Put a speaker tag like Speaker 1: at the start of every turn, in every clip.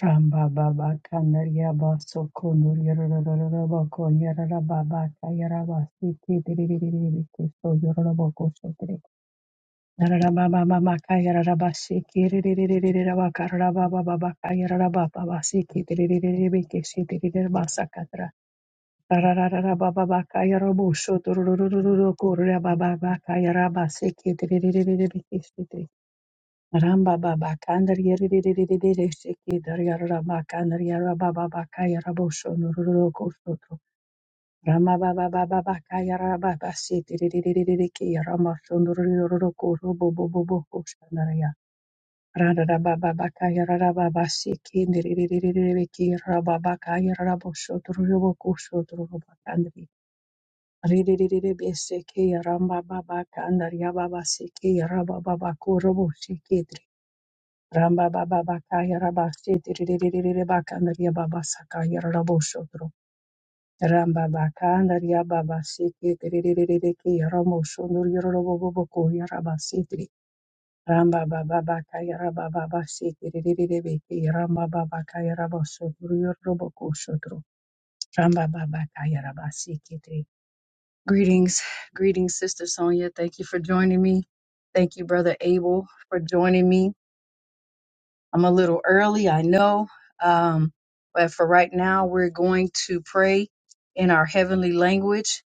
Speaker 1: Ramba baba kanaria baso konur yararararaba kon yararababa kayaraba siki diririririri kiso yororobo koso diri. Yararaba baba baba kayara basi kiririririri baka yararaba siki diririririririraba kararaba baba baka yararaba baba siki diririririribi kisi diririrba sakatra. Rararararaba baba baba kayarobo sho durururururu kurya baba baka yaraba siki diririririribi kisi diri. Ramba baba kandar yeri yeri yeri yeri shiki dar yara ramba kandar yara baba baka yara bosho nururo kosoto ramba baba baba baka yara baba siti yeri yeri yeri yeri ki yara masho nururo koro bo bo bo bo koshanar ya rara ramba baba yara ramba baba siki yeri yeri yeri yeri yeri ki yara baba baka yara bosho nururo kosoto ramba kandar yeri yeri yeri yeri besiki yara baba kandar yara baba siki yara baba baka koro bo shiki Ramba baba bakaya rabasi tiriririri bakanda baba sakaya rabo Ramba bakanda baba siki tiriririri ki ramo shodro rabasi tri. Ramba baba bakaya raba baba siki ki ramba baba kaya rabo shodro Ramba baba kaya rabasi ki Greetings, greetings, Sister Sonia. Thank you for joining me. Thank you, Brother Abel, for joining me. I'm a little early, I know. Um, but for right now, we're going to pray in our heavenly language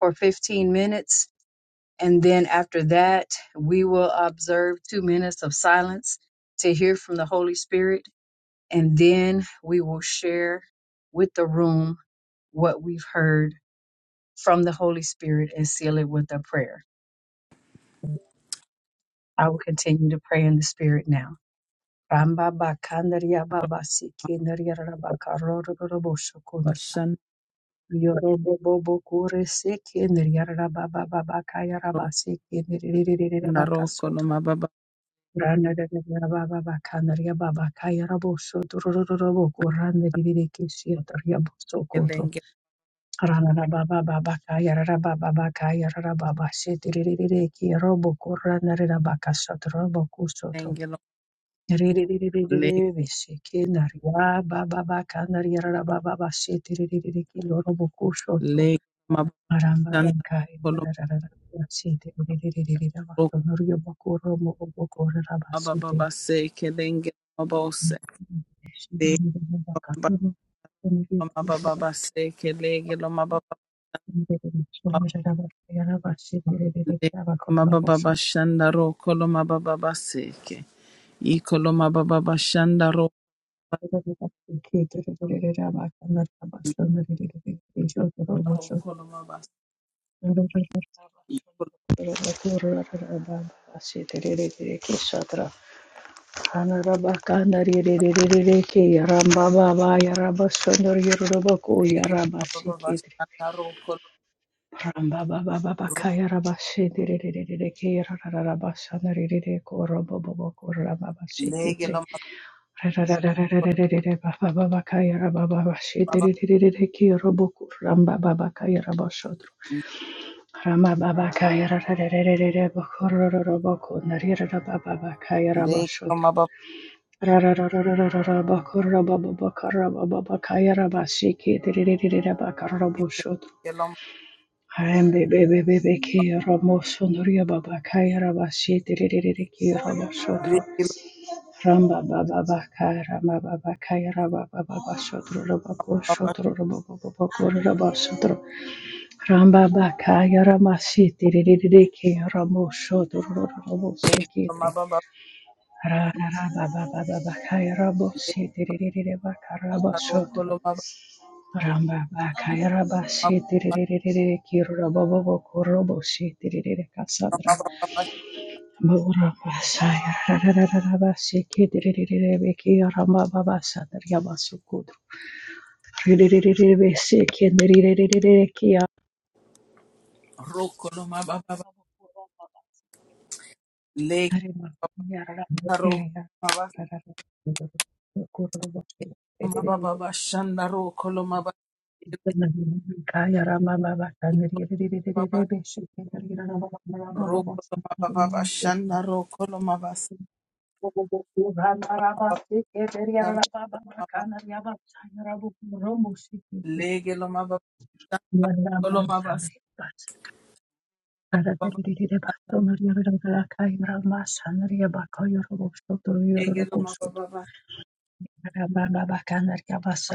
Speaker 1: for 15 minutes. And then after that, we will observe two minutes of silence to hear from the Holy Spirit. And then we will share with the room what we've heard from the Holy Spirit and seal it with a prayer. I will continue to pray in the Spirit now. Ramba bakandaria baba sikindaria raba karoro robo shokundra.
Speaker 2: Bashanda
Speaker 1: Yorobo bobo kure sikindaria raba baba bakaya raba sikindaria raba
Speaker 2: Naroko
Speaker 1: kasoto.
Speaker 2: Mababa
Speaker 1: Rana raba baba kandaria baba kaya rabo soto robo kuranda riri kisiataria boso koto.
Speaker 2: Lenge
Speaker 1: Rana raba baba bakaya raba baba kaya raba baba sitiriri ki robo kuranda raba kasoto robo kusoto.
Speaker 2: Lengelo Lake Lake Mabashanda Kolomabok Mababa Seke Lenge Mabose Lake
Speaker 1: Thank
Speaker 2: Mababa Seke Lege Mababa Mababa Bashanda Roko Mababa Seke Ikolo Mababa Bashanda Roko Mababa
Speaker 1: Ramba baba
Speaker 2: Ikolo Lege Mababa Bashanda Roko
Speaker 1: kaya
Speaker 2: Lege
Speaker 1: raba shodro Rama Baba Kaya Rararararara Bakururu Baku Narira Baba Kaya Raba Shudru
Speaker 2: Mababa
Speaker 1: Rararararara Bakura Baba Bakara Baba Kaya Raba Dirira Bakara Rabu Shudru
Speaker 2: Legelo
Speaker 1: Bebe Bebe Beki Ramo Baba Kaya Raba Shiti Diriki Raba Ramba Baba Baka Rama Baba Kaya Raba Baba Shudru Rabaku
Speaker 2: Baba
Speaker 1: Shudru Rabu Bakura Raba Rambaba kaya ramasiti ririki ramosho dororobosi kitri. Rana rababa baba kaya rabositi ririri bakarabashotro. Rambaba kaya rabasiti ririki rabobo korobositi ririri kasandra. Muramba saya rarararabasi kitri ririri biki rambaba sadar yabasukudro. Ririri besi kitri ririri kia. Hari makumya rarambutera rarakururuboshe
Speaker 2: Shandaro
Speaker 1: kaya ramama bakanirirerererebeshe
Speaker 2: Koloma
Speaker 1: Thank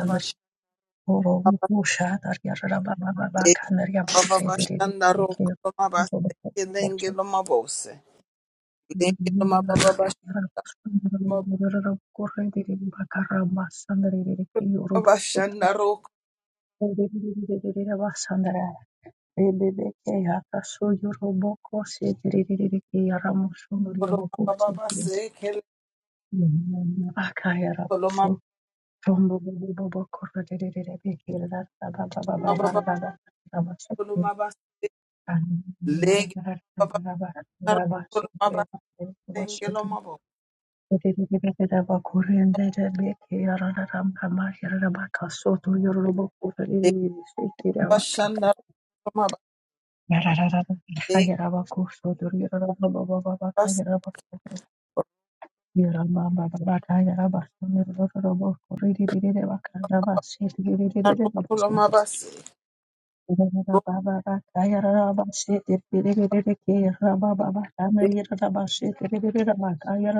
Speaker 1: you.
Speaker 2: Baseke Lenge Loma bose. Lengelo mababa basha mababa bashanda roko kolo mababa base kele kolo mababa kolo ma ba se lege mababa roko kolo mabase ngelo mababa lege bashanda
Speaker 1: Yarabakaya
Speaker 2: roko mababa lege bas se kolo mabase
Speaker 1: Rababa
Speaker 2: roko lege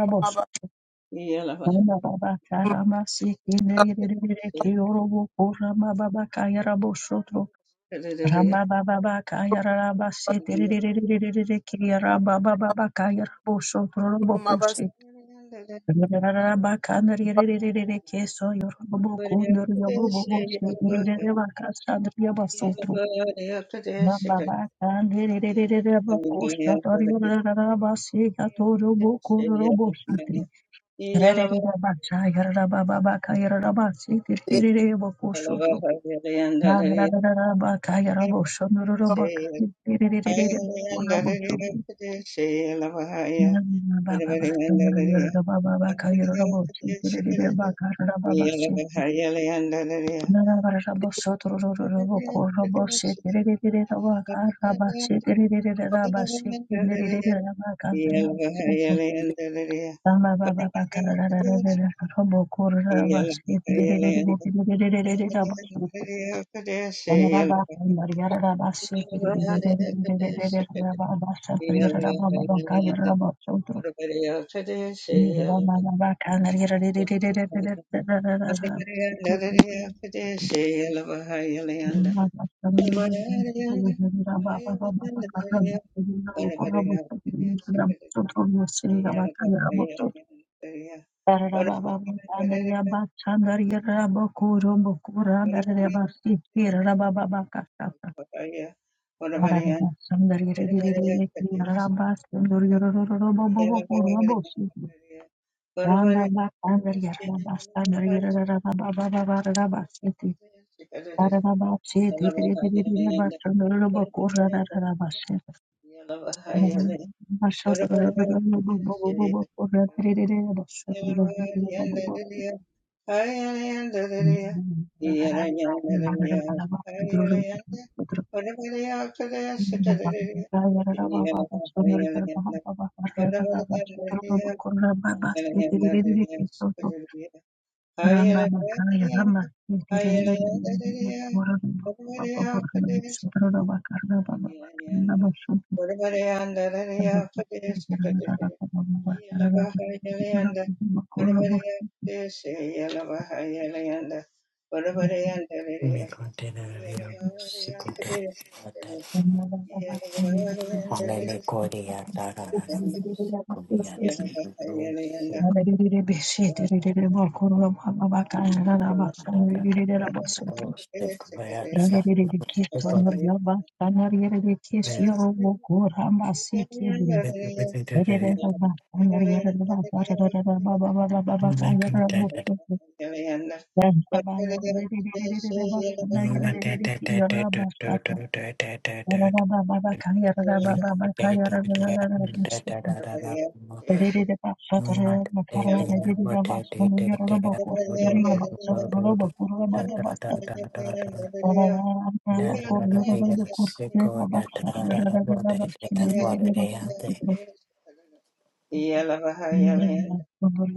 Speaker 2: mababa
Speaker 3: Yeah.
Speaker 2: kolo mabase
Speaker 1: Baba
Speaker 3: Yeah.
Speaker 1: Rabba
Speaker 3: Yeah.
Speaker 1: Ramba, Thank
Speaker 3: Yeah.
Speaker 1: Ramba Makaya Ramba Tiriri Bora Baba Bora Sutra Baba Baba Karna Baba Sutra
Speaker 4: Thank you.
Speaker 3: Yeah.
Speaker 1: Thank
Speaker 4: Sequoia,
Speaker 1: you. Thank
Speaker 3: Yeah. What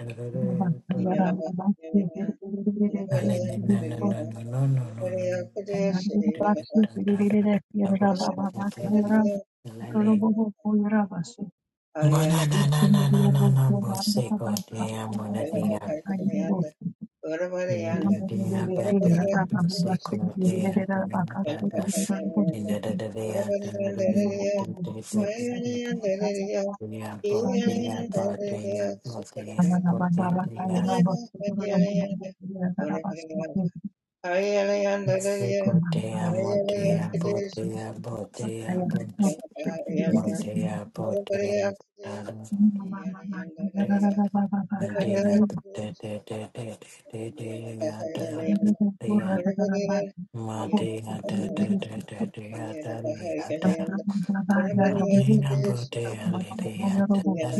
Speaker 3: about Yeah.
Speaker 1: you. I am going to go to the
Speaker 4: Montea,
Speaker 3: Yeah.
Speaker 1: market. Thank
Speaker 4: Madina da da da da da da da da. Madina bodea lidia da da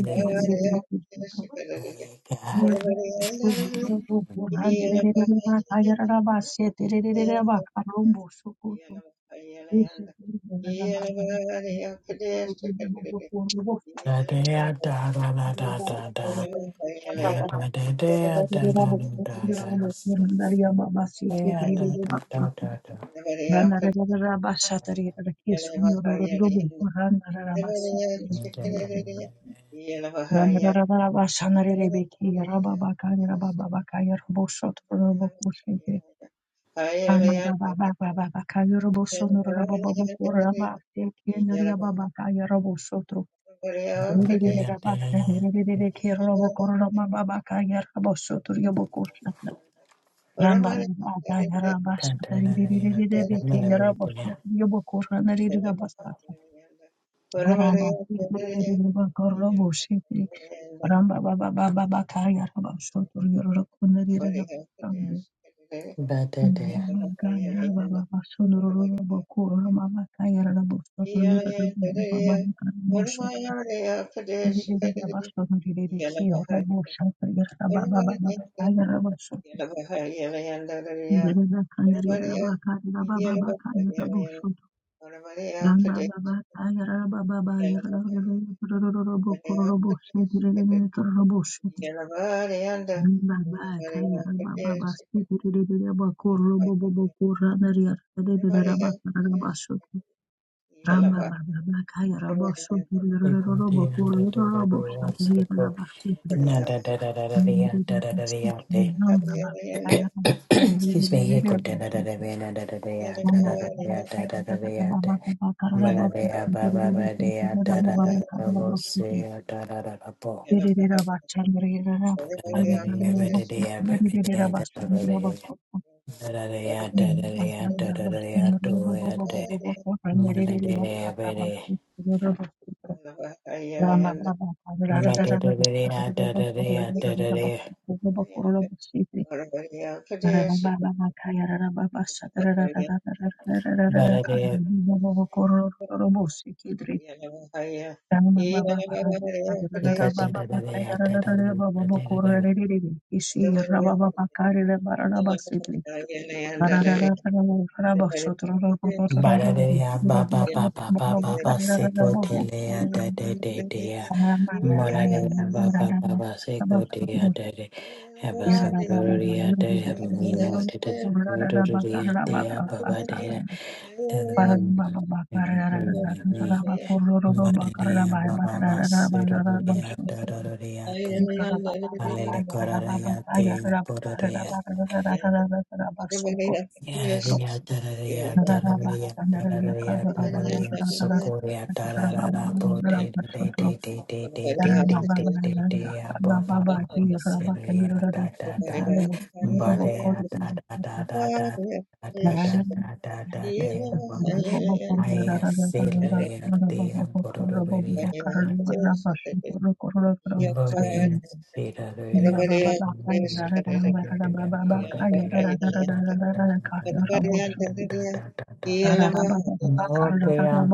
Speaker 1: you.
Speaker 3: Yeah.
Speaker 4: da da da da da da
Speaker 1: Rama
Speaker 4: da da. And da da da da da da da da. Yeah, da da da da da. Madina bodea
Speaker 1: Niri niri
Speaker 4: da
Speaker 1: niri
Speaker 4: da
Speaker 1: babla
Speaker 4: da.
Speaker 1: niri niri niri kira babakor mama babaka yerha bashtur yo bokur nala ramba maga yeram bashtur niri niri
Speaker 4: Cantalaya
Speaker 1: niri de
Speaker 4: da da da da
Speaker 1: biki
Speaker 4: da.
Speaker 1: yerabashtur yo bokur nala niri ramba sta ramba niri niri babakor baboshi ramba bababababaka yerha bashtur yoro kon niri ramba ramba
Speaker 4: Da da da.
Speaker 1: maga yeram bababashtur yo bokur mama babaka yerabashtur niri ramba bababokan bashtur Ndiriririre basho ndiriri kiyo robo shaka yara baba baba ayara basho ndirira kana rira baka rira baba baka yara basho ramba baba ayara baba baba yara robo koro robo shedire
Speaker 3: Yeah.
Speaker 1: nene koro robo shedire ramba baka yara baba baba shedire bako robo bobo koro nari yara ndirira baka yara basho ramba baba baka yara basho ndirira robo
Speaker 4: Ibodea
Speaker 1: koro
Speaker 4: da da da da.
Speaker 1: robo
Speaker 4: What's the
Speaker 1: shedire
Speaker 4: code? Na da da da da da da da da da da.
Speaker 1: Rama
Speaker 4: Excuse me, He go da da da da da da da da da da da da da da da da da ma da da ba ba ba da da da da da mo se da da da da po da da da da ba da da ba da baby da da da da da da da da da da da da da to ya da ma da da da ba da
Speaker 3: Yeah.
Speaker 4: ma da da da da da da da da da da
Speaker 1: Baba, Thank
Speaker 4: ba da da da da da da da da da da Maradeya ba ba ba ba ba ba ba sekotelea da da da da Maradeya ba ba ba ba
Speaker 1: you.
Speaker 4: sekotelea da da Eva sabroria da Evamino da da Rodoria da ya ba ba da ya da da
Speaker 3: Yeah.
Speaker 4: Maradeya ba ba ba
Speaker 3: Yeah.
Speaker 4: sekotelea da da da da Alele kararaya te
Speaker 1: Thank
Speaker 4: Yararia tararia tararia tararia tararia sokoria tararara bote de de de de de de de de de de
Speaker 1: Yaramababaranga,
Speaker 4: de abo ba ba
Speaker 1: Rababaki,
Speaker 4: ba
Speaker 1: Rabaka,
Speaker 4: seria
Speaker 1: Yorara,
Speaker 4: da da da
Speaker 1: Korobo, Yorobo,
Speaker 4: bade da
Speaker 1: Korobo,
Speaker 4: da da
Speaker 1: Yara,
Speaker 4: da da da da
Speaker 1: Narayana,
Speaker 4: da da da da de abo ba ba ay seria de abo Motea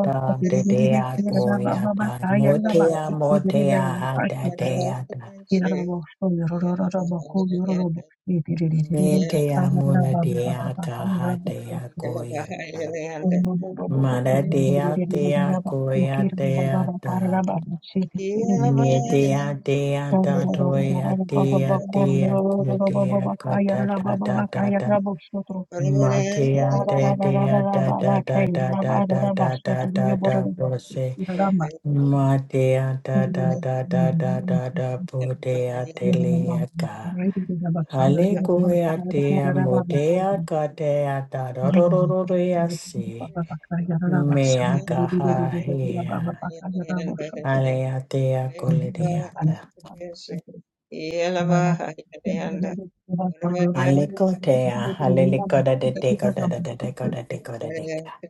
Speaker 4: ta te dea poea ta motea motea
Speaker 1: Baba
Speaker 4: ha ta
Speaker 1: Yarabo, so yororobo, ko yororobo, yedidididididi,
Speaker 4: metea
Speaker 1: bakaraba,
Speaker 4: mona dea
Speaker 1: babababa,
Speaker 4: ta ha
Speaker 1: yarabo, so
Speaker 4: dea
Speaker 1: so, so,
Speaker 4: koea ta
Speaker 1: yobobobobo, ko yedidididididaba, yekiraba, baba, karaba, shidididi, bikishidi,
Speaker 4: Medea dea dea da doya
Speaker 1: dadadadadadada, bababa,
Speaker 4: dea
Speaker 1: ko
Speaker 4: dea
Speaker 1: yororobo,
Speaker 4: gudea
Speaker 1: baba, ka
Speaker 4: gata
Speaker 1: yaraba,
Speaker 4: da da
Speaker 1: baba, ka
Speaker 4: da da.
Speaker 1: yarabo, so so,
Speaker 4: Matea de dea
Speaker 1: dadadadadadada,
Speaker 4: dea
Speaker 1: baba,
Speaker 4: dea da
Speaker 1: ka
Speaker 4: da da
Speaker 1: yaraba,
Speaker 4: da da
Speaker 1: dadaba,
Speaker 4: da da
Speaker 1: so
Speaker 4: da
Speaker 1: so,
Speaker 4: da da
Speaker 1: yoborobo,
Speaker 4: bose.
Speaker 1: yekiraba,
Speaker 4: Matea
Speaker 1: so
Speaker 4: da da da da da
Speaker 1: so,
Speaker 4: da da budea delia ga. Halegoya dea modea gadea da da da da da da si. Mea gaha
Speaker 3: Yeah.
Speaker 4: hea.
Speaker 3: Yeah.
Speaker 4: Alea dea kole dea
Speaker 1: Baba
Speaker 4: Alekotea, alelekoda de deko da da da deko da deko da deka.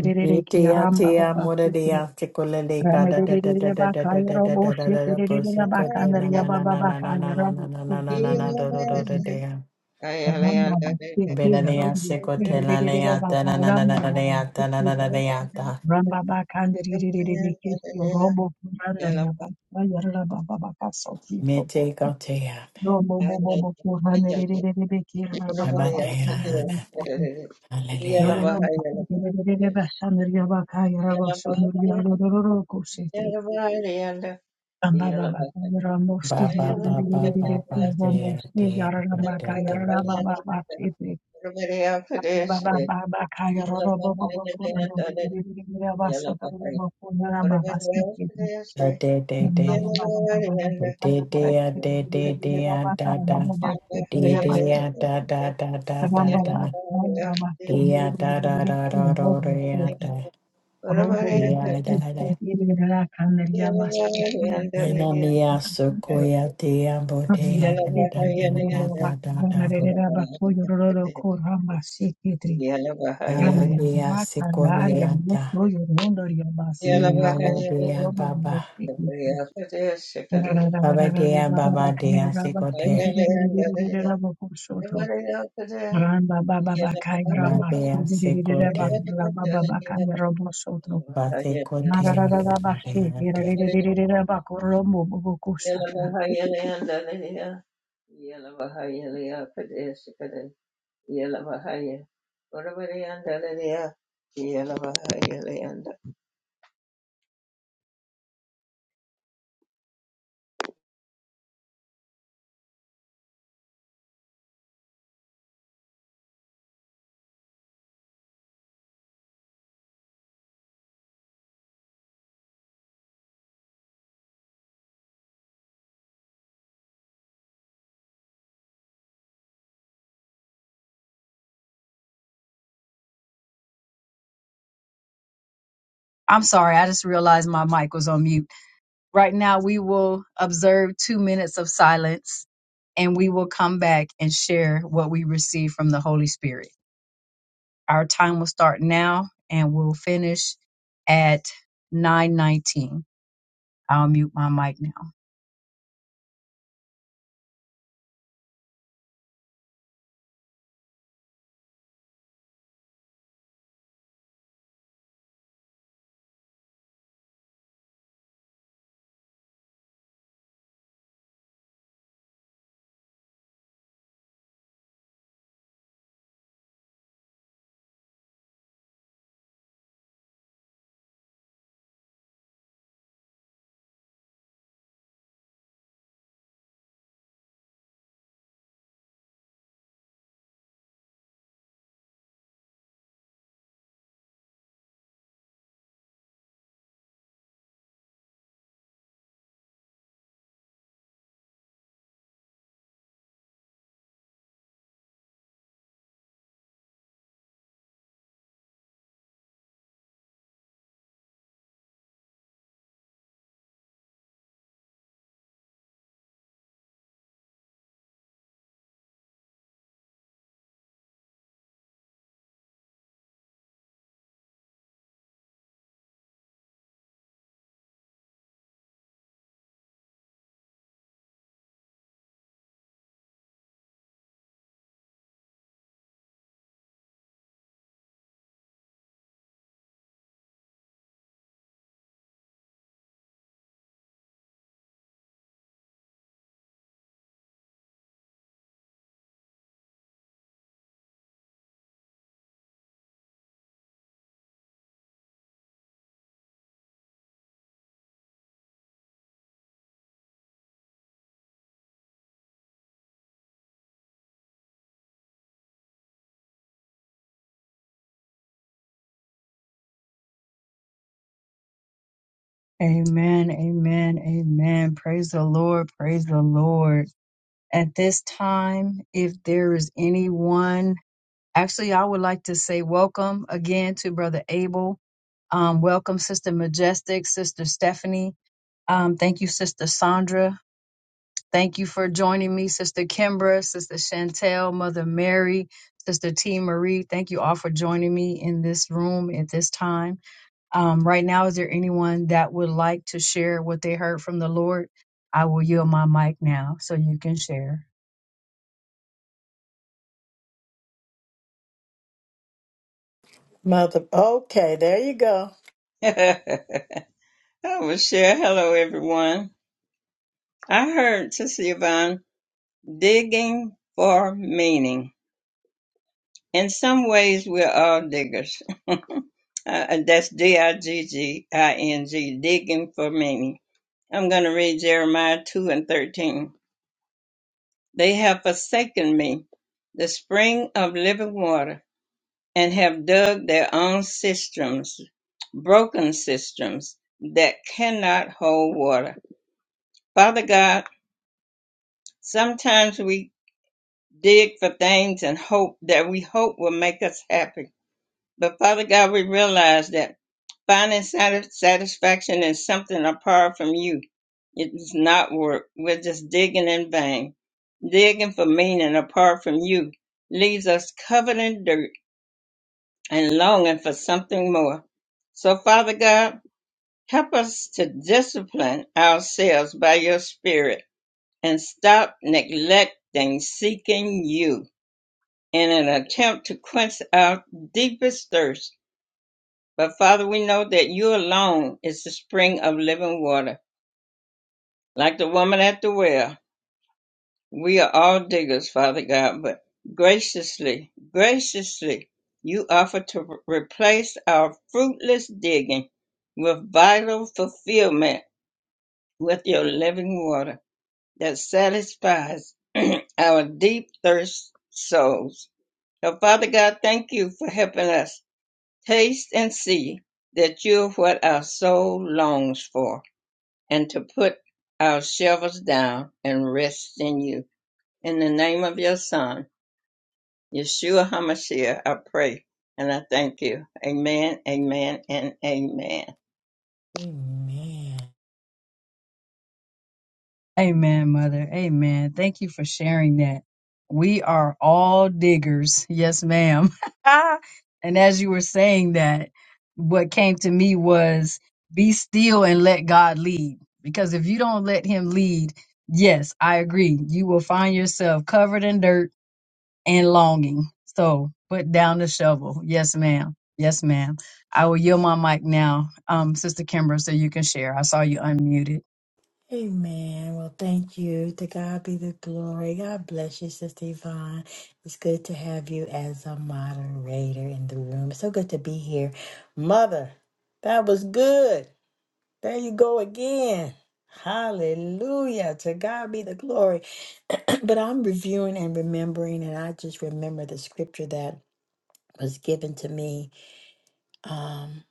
Speaker 4: Nitia tia mura dia tikula deka da da da da
Speaker 1: Ramededeya
Speaker 4: da da da da da da da da da boseko te na na na na na na na na na na na na na na do do do do dea.
Speaker 1: ramba
Speaker 4: Bela seko te la lea na na na na na lea na na na lea ta. Mite ko tea, nama dea na na. Alelea.
Speaker 3: Yeah,
Speaker 1: Ambaba, Ramosti,
Speaker 4: Ba ba ba ba ba ba dea
Speaker 1: Ramosti,
Speaker 4: dea do
Speaker 1: baba,
Speaker 4: de do de.
Speaker 1: baba, Chitri, Baba, Baba, Kaya, Robo, Rabasa, Robo, Rababa, Sikhi, Baba, kuna ramba Baba, chitri.
Speaker 4: Da de de
Speaker 1: Baba,
Speaker 4: de.
Speaker 1: baba, baba, baba,
Speaker 4: De de
Speaker 1: Kaya, Robo,
Speaker 4: de de
Speaker 1: Rabasa, Rababa, Sikhi, Rabasi,
Speaker 4: de
Speaker 1: baba,
Speaker 4: da
Speaker 1: tara
Speaker 4: da.
Speaker 1: ramba baba chitri
Speaker 4: De
Speaker 1: dire
Speaker 4: de
Speaker 1: basa
Speaker 4: da
Speaker 1: chitri.
Speaker 4: da da da da
Speaker 1: Ramba
Speaker 4: da.
Speaker 1: baba Kaya, ramba
Speaker 4: De
Speaker 1: stis dire
Speaker 4: da
Speaker 1: dire
Speaker 4: da
Speaker 1: dire dire
Speaker 4: da da
Speaker 1: stis
Speaker 4: da
Speaker 1: Rambo chitri. Rambo
Speaker 4: da
Speaker 1: baba, baba, Sikhi,
Speaker 4: da.
Speaker 1: Rombo, Bubu,
Speaker 4: De da da.
Speaker 1: Sikhi, Rakan, Yamasi,
Speaker 4: Enamia
Speaker 1: Yamasi,
Speaker 4: sequoia de
Speaker 1: I'm
Speaker 4: abotea da da da da da da da.
Speaker 3: Yellow,
Speaker 4: Malabia sequoia da. Malabia baba. Baba dea baba dea secote. Mabea secote. Basecote.
Speaker 1: sorry, I just realized my mic was on mute. Right now, we will observe two minutes of silence and we will come back and share what we receive from the Holy Spirit. Our time will start now and we'll finish at 919. I'll mute my mic now. Amen, amen, amen. Praise the Lord, praise the Lord. At this time, if there is anyone, actually, I would like to say welcome again to Brother Abel. Um, welcome, Sister Majestic, Sister Stephanie. Um, thank you, Sister Sandra. Thank you for joining me, Sister Kimbra, Sister Chantel, Mother Mary, Sister T. Marie. Thank you all for joining me in this room at this time. Um, right now, is there anyone that would like to share what they heard from the Lord? I will yield my mic now so you can share.
Speaker 4: Mother. Okay, there you go.
Speaker 3: Michelle, hello everyone. I heard Sister Yvonne Digging for meaning. In some ways, we're all diggers. Uh, that's D I G G I N G, digging for meaning. I'm going to read Jeremiah 2 and 13. They have forsaken me, the spring of living water, and have dug their own cisterns, broken cisterns that cannot hold water. Father God, sometimes we dig for things and hope that we hope will make us happy But Father God, we realize that finding satis- satisfaction in something apart from you, it does not work. We're just digging in vain. Digging for meaning apart from you leaves us covered in dirt and longing for something more. So Father God, help us to discipline ourselves by your spirit and stop neglecting seeking you in an attempt to quench our deepest thirst But Father, we know that you alone is the spring of living water. Like the woman at the well, we are all diggers, Father God, but graciously, graciously, you offer to re- replace our fruitless digging with vital fulfillment with your living water that satisfies our deep thirst souls. So, Father God, thank you for helping us taste and see that you're what our soul longs for. and to put our shovels down and rest in you. In the name of your Son, Yeshua HaMashiach, I pray and I thank you. Amen, amen, and amen.
Speaker 4: Amen.
Speaker 1: Amen, Mother. Amen. Thank you for sharing that. We are all diggers. Yes, ma'am. and as you were saying that, what came to me was be still and let God lead. Because if you don't let Him lead, yes, I agree. You will find yourself covered in dirt and longing. So put down the shovel. Yes, ma'am. Yes, ma'am. I will yield my mic now, um, Sister Kimber, so you can share. I saw you unmuted.
Speaker 4: Amen. Well, thank you. To God be the glory. God bless you, Sister Yvonne. It's good to have you as a moderator in the room. It's So good to be here. Mother, that was good. There you go again. Hallelujah. To God be the glory. but I'm reviewing and remembering, and I just remember the scripture that was given to me. um,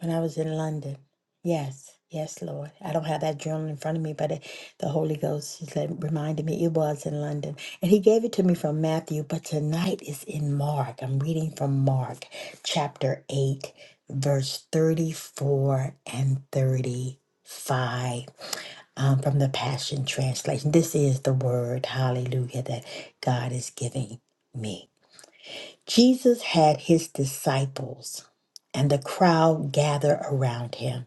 Speaker 4: When I was in London. Yes, yes, Lord. I don't have that journal in front of me, but it, the Holy Ghost is let- reminded me it was in London. And He gave it to me from Matthew, but tonight is in Mark. I'm reading from Mark chapter 8, verse 34 and 35 um, from the Passion Translation. This is the word, hallelujah, that God is giving me. Jesus had his disciples and the crowd gather around him.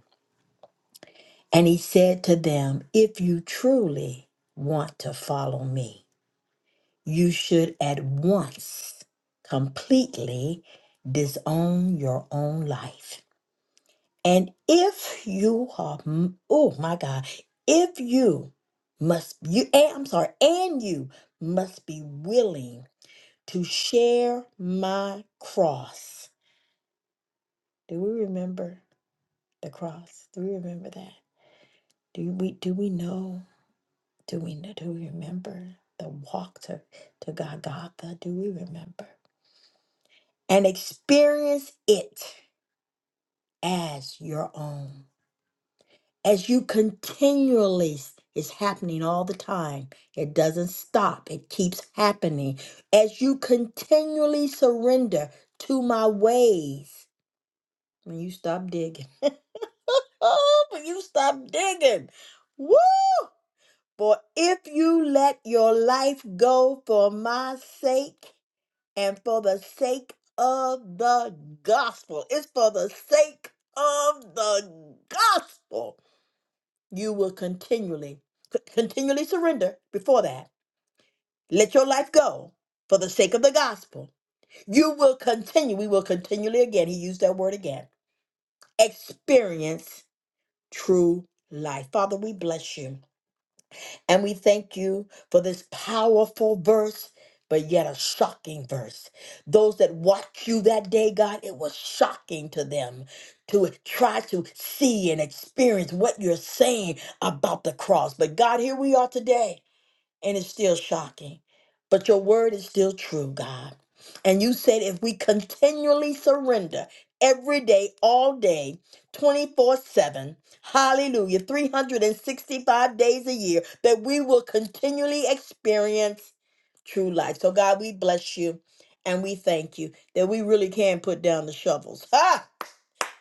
Speaker 4: And he said to them, If you truly want to follow me, you should at once completely disown your own life. And if you are, oh my God, if you must, you, and- I'm sorry, and you must be willing to share my cross. Do we remember? the cross. Do we remember that? Do we do we know? Do we know? Do we remember the walk to to Golgotha? Do we remember and experience it as your own? As you continually, it's happening all the time. It doesn't stop. It keeps happening. As you continually surrender to my ways, when you stop digging, Oh, when you stop digging, woo! For if you let your life go for my sake and for the sake of the gospel, it's for the sake of the gospel, you will continually, c- continually surrender before that. Let your life go for the sake of the gospel. You will continue, we will continually again, he used that word again, experience true life. Father, we bless you. And we thank you for this powerful verse, but yet a shocking verse. Those that watched you that day, God, it was shocking to them to try to see and experience what you're saying about the cross. But God, here we are today and it's still shocking. But your word is still true, God. And you said if we continually surrender every day, all day, 24 7, hallelujah, 365 days a year, that we will continually experience true life. So, God, we bless you and we thank you that we really can put down the shovels. Ha!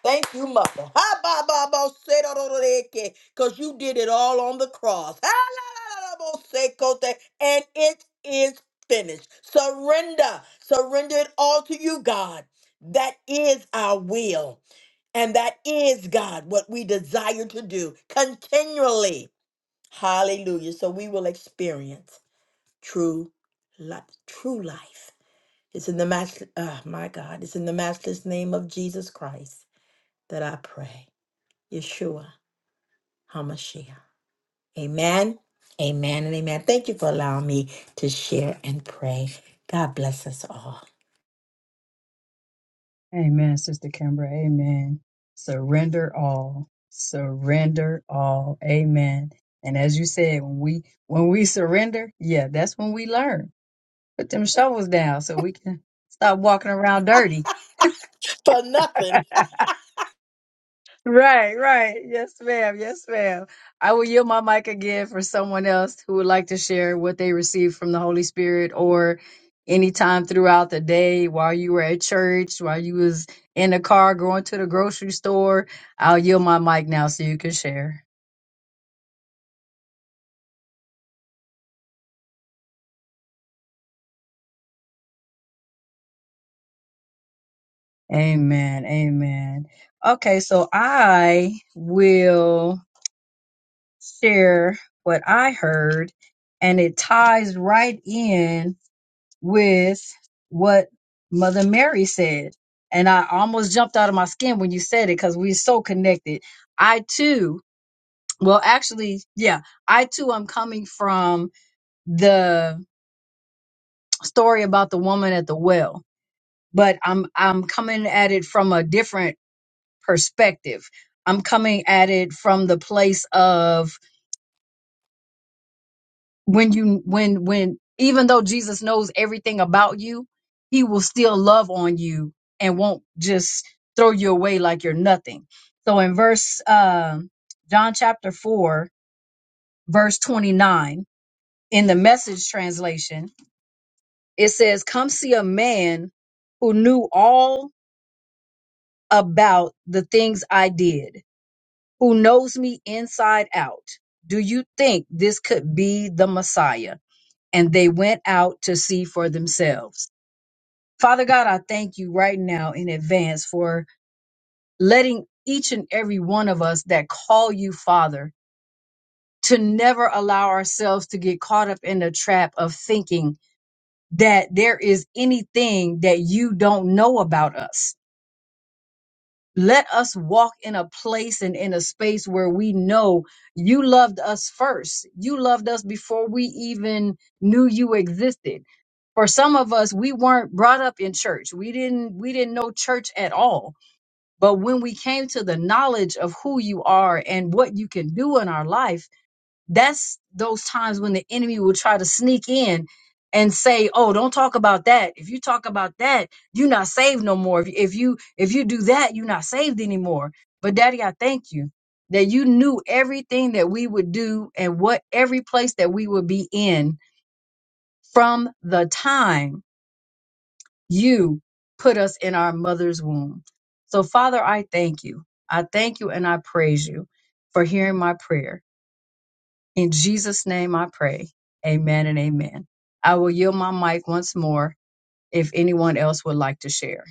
Speaker 4: Thank you, Mother. Ha ba ba ba se do do do de, ke. Cause you did it all on the cross. Ha la la la la bo se ko, And it is finished. Surrender. Surrender it all to you, God. That is our will. And that is, God, what we desire to do continually. Hallelujah. So we will experience true life. True life. It's in the master, oh my God, it's in the matchless name of Jesus Christ that I pray. Yeshua HaMashiach. Amen. Amen and amen. Thank you for allowing me to share and pray. God bless us all.
Speaker 1: Amen, Sister Kimbra. Amen. Surrender all. Surrender all. Amen. And as you said, when we when we surrender, yeah, that's when we learn. Put them shovels down so we can stop walking around dirty.
Speaker 4: For nothing.
Speaker 1: Right, right. Yes, ma'am. Yes, ma'am. I will yield my mic again for someone else who would like to share what they received from the Holy Spirit or anytime throughout the day while you were at church, while you was in the car going to the grocery store. I'll yield my mic now so you can share. Amen. Amen. Okay, so I will share what I heard and it ties right in with what Mother Mary said. And I almost jumped out of my skin when you said it because we're so connected. I too, well, actually, yeah, I too am coming from the story about the woman at the well, but I'm I'm coming at it from a different perspective. I'm coming at it from the place of when you when when even though Jesus knows everything about you, he will still love on you and won't just throw you away like you're nothing. So in verse um John chapter 4 verse 29 in the message translation, it says come see a man who knew all about the things I did, who knows me inside out. Do you think this could be the Messiah? And they went out to see for themselves. Father God, I thank you right now in advance for letting each and every one of us that call you Father to never allow ourselves to get caught up in the trap of thinking that there is anything that you don't know about us. Let us walk in a place and in a space where we know you loved us first. You loved us before we even knew you existed for some of us we weren't brought up in church we didn't we didn't know church at all But when we came to the knowledge of who you are and what you can do in our life, that's those times when the enemy will try to sneak in and say, "Oh, don't talk about that. If you talk about that, you're not saved no more. If, if you if you do that, you're not saved anymore." But Daddy, I thank you that you knew everything that we would do and what every place that we would be in from the time you put us in our mother's womb. So, Father, I thank you. I thank you and I praise you for hearing my prayer. In Jesus' name I pray. Amen and amen. I will yield my mic once more if anyone else would like to share.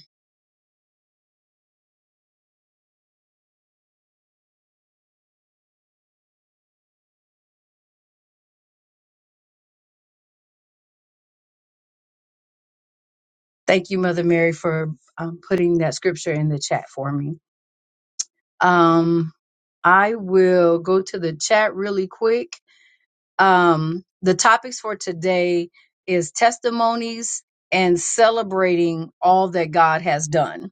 Speaker 1: Thank you, Mother Mary, for um, putting that scripture in the chat for me. Um, I will go to the chat really quick Um, the topics for today is testimonies and celebrating all that God has done.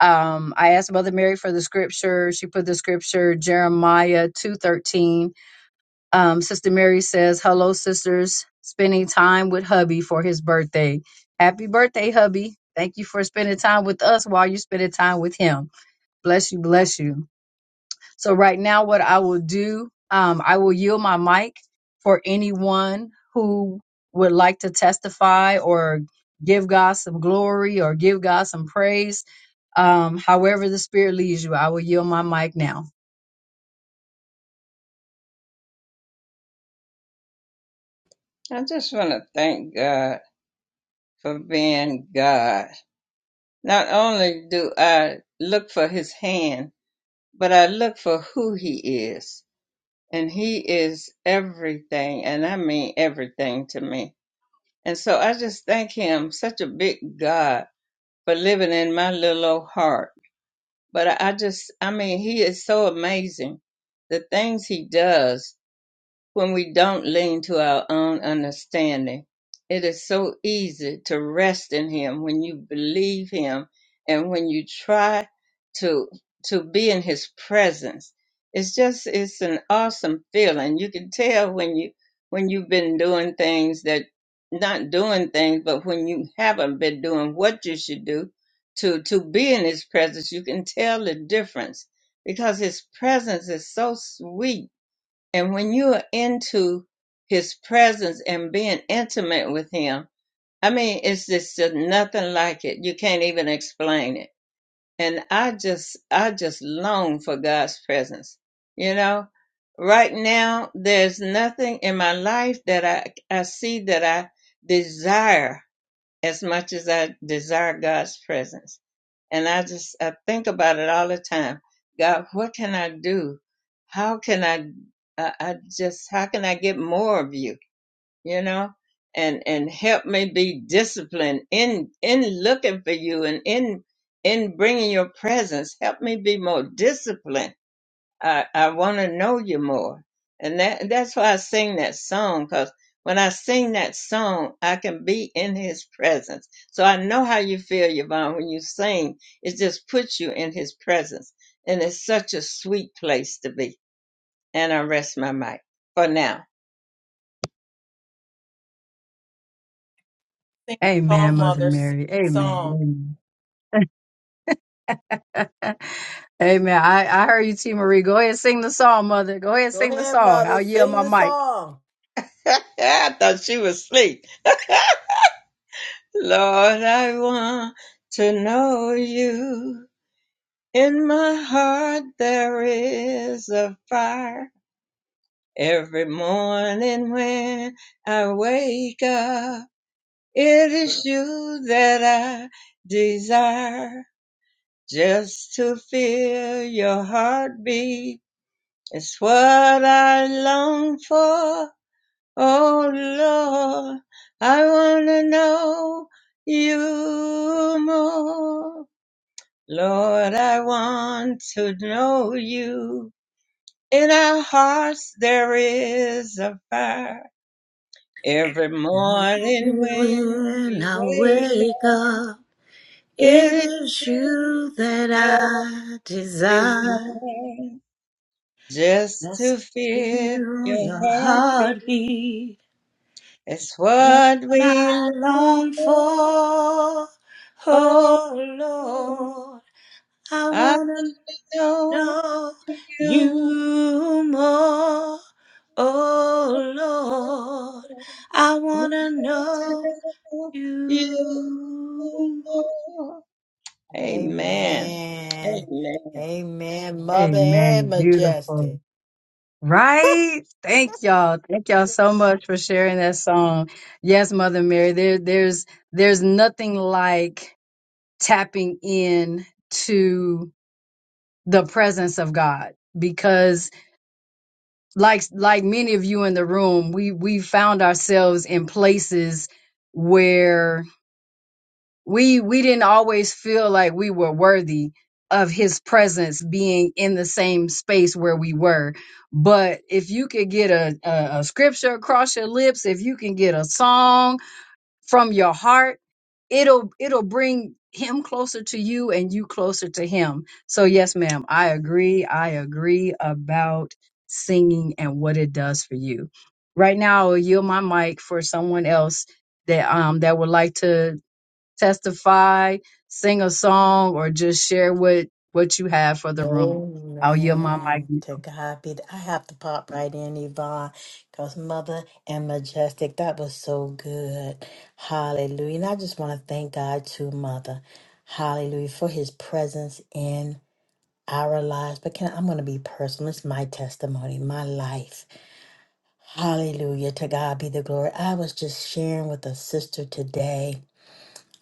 Speaker 1: Um, I asked Mother Mary for the scripture. She put the scripture Jeremiah two thirteen. Um, Sister Mary says, "Hello, sisters. Spending time with hubby for his birthday. Happy birthday, hubby." Thank you for spending time with us while you're spending time with him. Bless you, bless you. So right now, what I will do, um, I will yield my mic for anyone who would like to testify or give God some glory or give God some praise. Um, however the Spirit leads you, I will yield my mic now.
Speaker 3: I just want to thank God for being God. Not only do I look for his hand, but I look for who he is. And he is everything, and I mean everything to me. And so I just thank him, such a big God for living in my little old heart. But I I just, I mean, he is so amazing. The things he does, when we don't lean to our own understanding. It is so easy to rest in him when you believe him and when you try to to be in his presence. It's just it's an awesome feeling. You can tell when you when you've been doing things that not doing things, but when you haven't been doing what you should do to to be in his presence, you can tell the difference because his presence is so sweet and when you are into his presence and being intimate with him, I mean, it's just nothing like it. You can't even explain it. And I just, I just long for God's presence. You know, right now, there's nothing in my life that I, I see that I desire as much as I desire God's presence. And I just I think about it all the time. God, what can I do? How can I I, I just how can I get more of you? You know? And and help me be disciplined in in looking for you and in in bringing your presence. Help me be more disciplined I, I want to know you more. And that, that's why I sing that song, because when I sing that song, I can be in his presence. So I know how you feel, Yvonne, when you sing. It just puts you in his presence. And it's such a sweet place to be. And I rest my mic for now.
Speaker 5: Sing the
Speaker 1: Amen,
Speaker 5: song,
Speaker 1: Mother
Speaker 5: mother. Sing
Speaker 1: Mary.
Speaker 5: the song.
Speaker 1: Amen. Amen. Amen. I, I heard you, T. Marie. Go ahead and sing the song, Mother. Go ahead and
Speaker 4: Go
Speaker 1: sing the
Speaker 4: ahead,
Speaker 1: song.
Speaker 4: mother.
Speaker 1: I'll yield
Speaker 4: Sing
Speaker 1: my
Speaker 4: the
Speaker 1: mic.
Speaker 4: song.
Speaker 3: I thought she was asleep. Lord, I want to know you. In my heart, there is a fire Every morning when I wake up, it is you that I desire. Just to feel your heartbeat is what I long for. Oh Lord, I wanna know you more. Lord, I want to know you. In our hearts there is a fire Every morning
Speaker 6: Morning
Speaker 3: when
Speaker 6: when
Speaker 3: we
Speaker 6: I
Speaker 3: wake
Speaker 6: wake
Speaker 3: up,
Speaker 6: up, it
Speaker 3: it is
Speaker 6: is
Speaker 3: you
Speaker 6: you that
Speaker 3: that
Speaker 6: I desire.
Speaker 3: desire just to
Speaker 6: Just
Speaker 3: feel
Speaker 6: feel
Speaker 3: your
Speaker 6: your
Speaker 3: heartbeat.
Speaker 6: heartbeat,
Speaker 3: It's
Speaker 6: what
Speaker 3: what
Speaker 6: I
Speaker 3: we long
Speaker 6: long
Speaker 3: for.
Speaker 6: for.
Speaker 3: Oh,
Speaker 6: Oh
Speaker 3: Lord,
Speaker 6: Lord, I
Speaker 3: I
Speaker 6: wanna
Speaker 3: know
Speaker 6: know
Speaker 3: you.
Speaker 6: you more. Oh Lord, I wanna know you.
Speaker 3: Amen.
Speaker 4: Amen.
Speaker 3: Amen.
Speaker 4: Amen, mother and
Speaker 1: Amen. Beautiful.
Speaker 4: majestic.
Speaker 1: Right? Thank y'all. Thank y'all so much for sharing that song. Yes, Mother Mary, there there's there's nothing like tapping in to the presence of God because like like many of you in the room, we we found ourselves in places we we didn't always feel like we were worthy of his presence being in the same space where we were but if you could get a, a, a scripture across your lips if you can get a song from your heart it'll it'll bring him closer to you and you closer to him so yes ma'am i agree i agree about singing and what it does for you right now i'll yield my mic for someone else that um that would like to testify, sing a song, or just share what what you have for the room. I'll yield my mic.
Speaker 4: Amen. To God be. The, I have to pop right in, Yvonne, because Mother and Majestic, that was so good. Hallelujah. And I just want to thank God to Mother. Hallelujah. For his presence in our lives. But can I'm going to be personal. It's my testimony, my life. Hallelujah. To God be the glory. I was just sharing with a sister today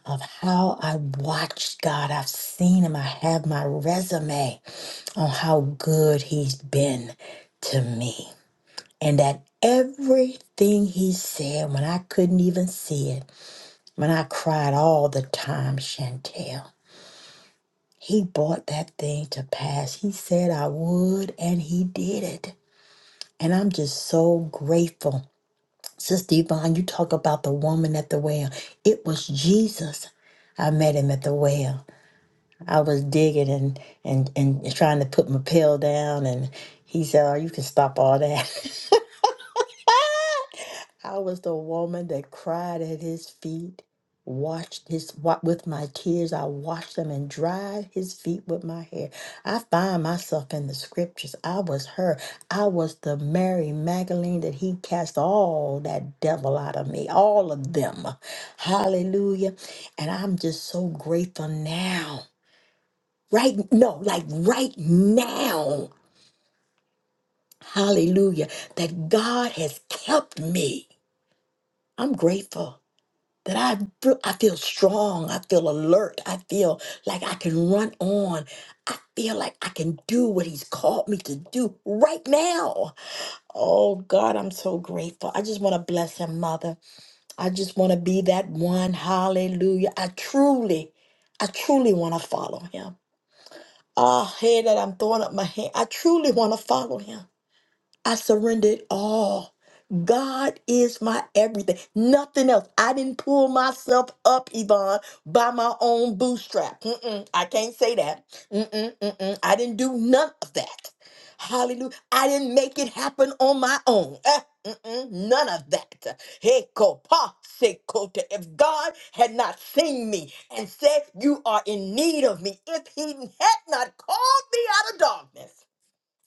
Speaker 4: of how I watched God. I've seen him. I have my resume on how good he's been to me. And that everything he said when I couldn't even see it, when I cried all the time, Chantel, he brought that thing to pass. He said I would, and he did it. And I'm just so grateful. Sister Yvonne, you talk about the woman at the well. It was Jesus. I met him at the well. I was digging and, and, and trying to put my pail down, and he said, Oh, you can stop all that. I was the woman that cried at his feet, washed his wa- with my tears. I washed them and dried his feet with my hair. I find myself in the scriptures. I was her. I was the Mary Magdalene that he cast all that devil out of me, all of them. Hallelujah. And I'm just so grateful now. Right? No, like right now. Hallelujah. That God has kept me. I'm grateful. that I feel, I feel strong, I feel alert, I feel like I can run on, I feel like I can do what He's called me to do right now. Oh God, I'm so grateful. I just want to bless Him, Mother. I just want to be that one. Hallelujah. I truly, I truly want to follow Him. Ah, hey, that I'm throwing up my hand. I truly want to follow Him. I surrender it all. God is my everything. Nothing else. I didn't pull myself up, Yvonne, by my own bootstrap. Mm-mm, I can't say that. Mm-mm, mm-mm. I didn't do none of that. Hallelujah. I didn't make it happen on my own. Eh, mm-mm, none of that. Hey, kopa, se kota. If God had not seen me and said, You are in need of me, if He had not called me out of darkness,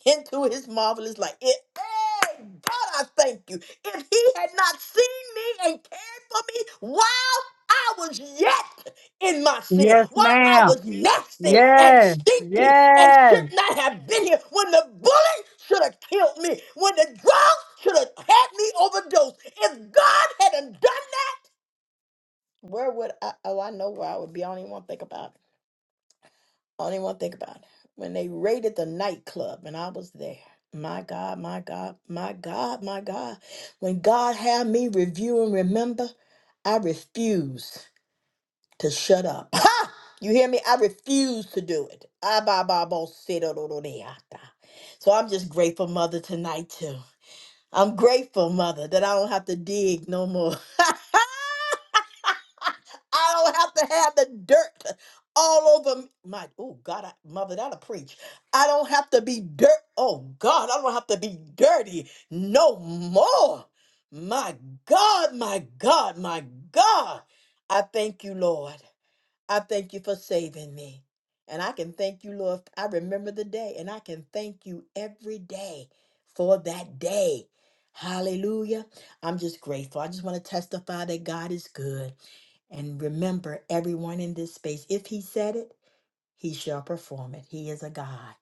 Speaker 4: into his marvelous light. It, hey, God, I thank you. If he had not seen me and cared for me while I was yet in my sin,
Speaker 1: Yes,
Speaker 4: while I
Speaker 1: ma'am.
Speaker 4: was nasty and
Speaker 1: Yes.
Speaker 4: stinky and should
Speaker 1: Yes.
Speaker 4: not have been here, when the bullet should have killed me, when the drug should have had me overdosed, if God hadn't done that, where would I? Oh, I know where I would be. I don't even want to think about it. I don't even want to think about it. When they raided the nightclub and I was there. My God, my God, my God, my God. When God had me review and remember, I refuse to shut up. Ha! You hear me? I refuse to do it. Ah, bah, bah, bah, sit, oh, oh, oh, they out there. So I'm just grateful, Mother, tonight, too. I'm grateful, Mother, that I don't have to dig no more. I don't have to have the dirt all over me. my. Oh God, I, mother, that'll preach. I don't have to be dirt. Oh God, I don't have to be dirty no more. My God, my God, my God. I thank you, Lord. I thank you for saving me. And I can thank you, Lord. I remember the day, and I can thank you every day for that day. Hallelujah. I'm just grateful. I just want to testify that God is good. And remember, everyone in this space, if He said it, He shall perform it. He is a God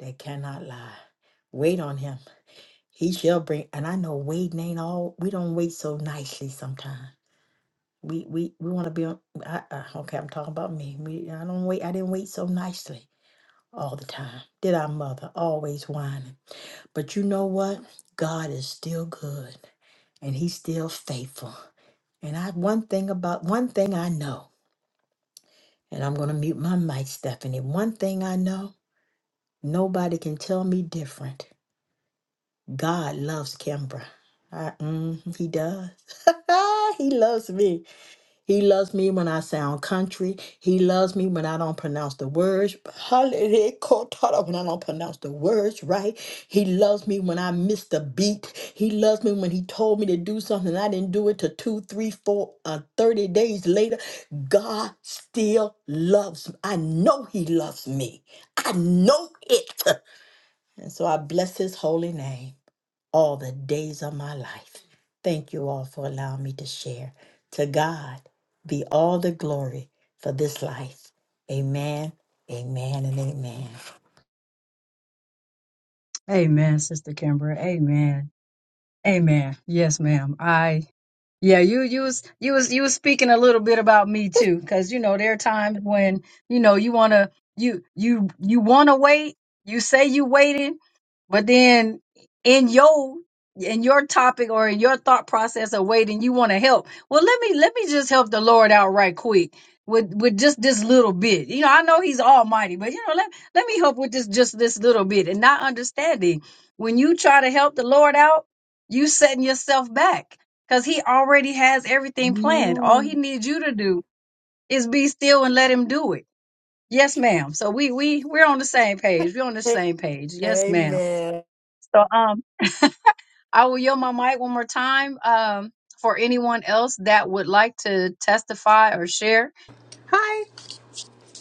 Speaker 4: that cannot lie. Wait on Him. He shall bring, and I know waiting ain't all, we don't wait so nicely sometimes. We we we want to be on. I, I, okay, I'm talking about me. We I don't wait. I didn't wait so nicely all the time. Did our mother always whining? But you know what? God is still good, and He's still faithful. And I one thing about one thing I know, and I'm gonna mute my mic, Stephanie. One thing I know, nobody can tell me different. God loves Kimbra. I, mm, he does. he loves me. He loves me when I sound country. He loves me when I don't pronounce the words. Hallelujah, kotara, When I don't pronounce the words right. He loves me when I miss the beat. He loves me when he told me to do something and I didn't do it to two, three, four, uh, 30 days later. God still loves me. I know he loves me. I know it. And so I bless his holy name all the days of my life. Thank you all for allowing me to share. To God be all the glory for this life. Amen, amen, and amen.
Speaker 1: Amen, Sister Kimber. Amen. Amen. Yes, ma'am. I Yeah, you you was you was you was speaking a little bit about me too, because you know there are times when you know you wanna you you you wanna wait, you say you waiting, but then in your in your topic or in your thought process of waiting, you wanna help. Well, let me let me just help the Lord out right quick with with just this little bit. You know, I know He's Almighty, but you know let let me help with this just this little bit and not understanding when you try to help the Lord out, you setting yourself back because he already has everything planned. All he
Speaker 4: Amen.
Speaker 1: needs you to do is be still and let him do it. Yes, ma'am. So we we we're on the same page. We're on the same page. Yes, ma'am.
Speaker 4: Amen.
Speaker 1: So um, I will yield my mic one more time um for anyone else that would like to testify or share.
Speaker 7: Hi.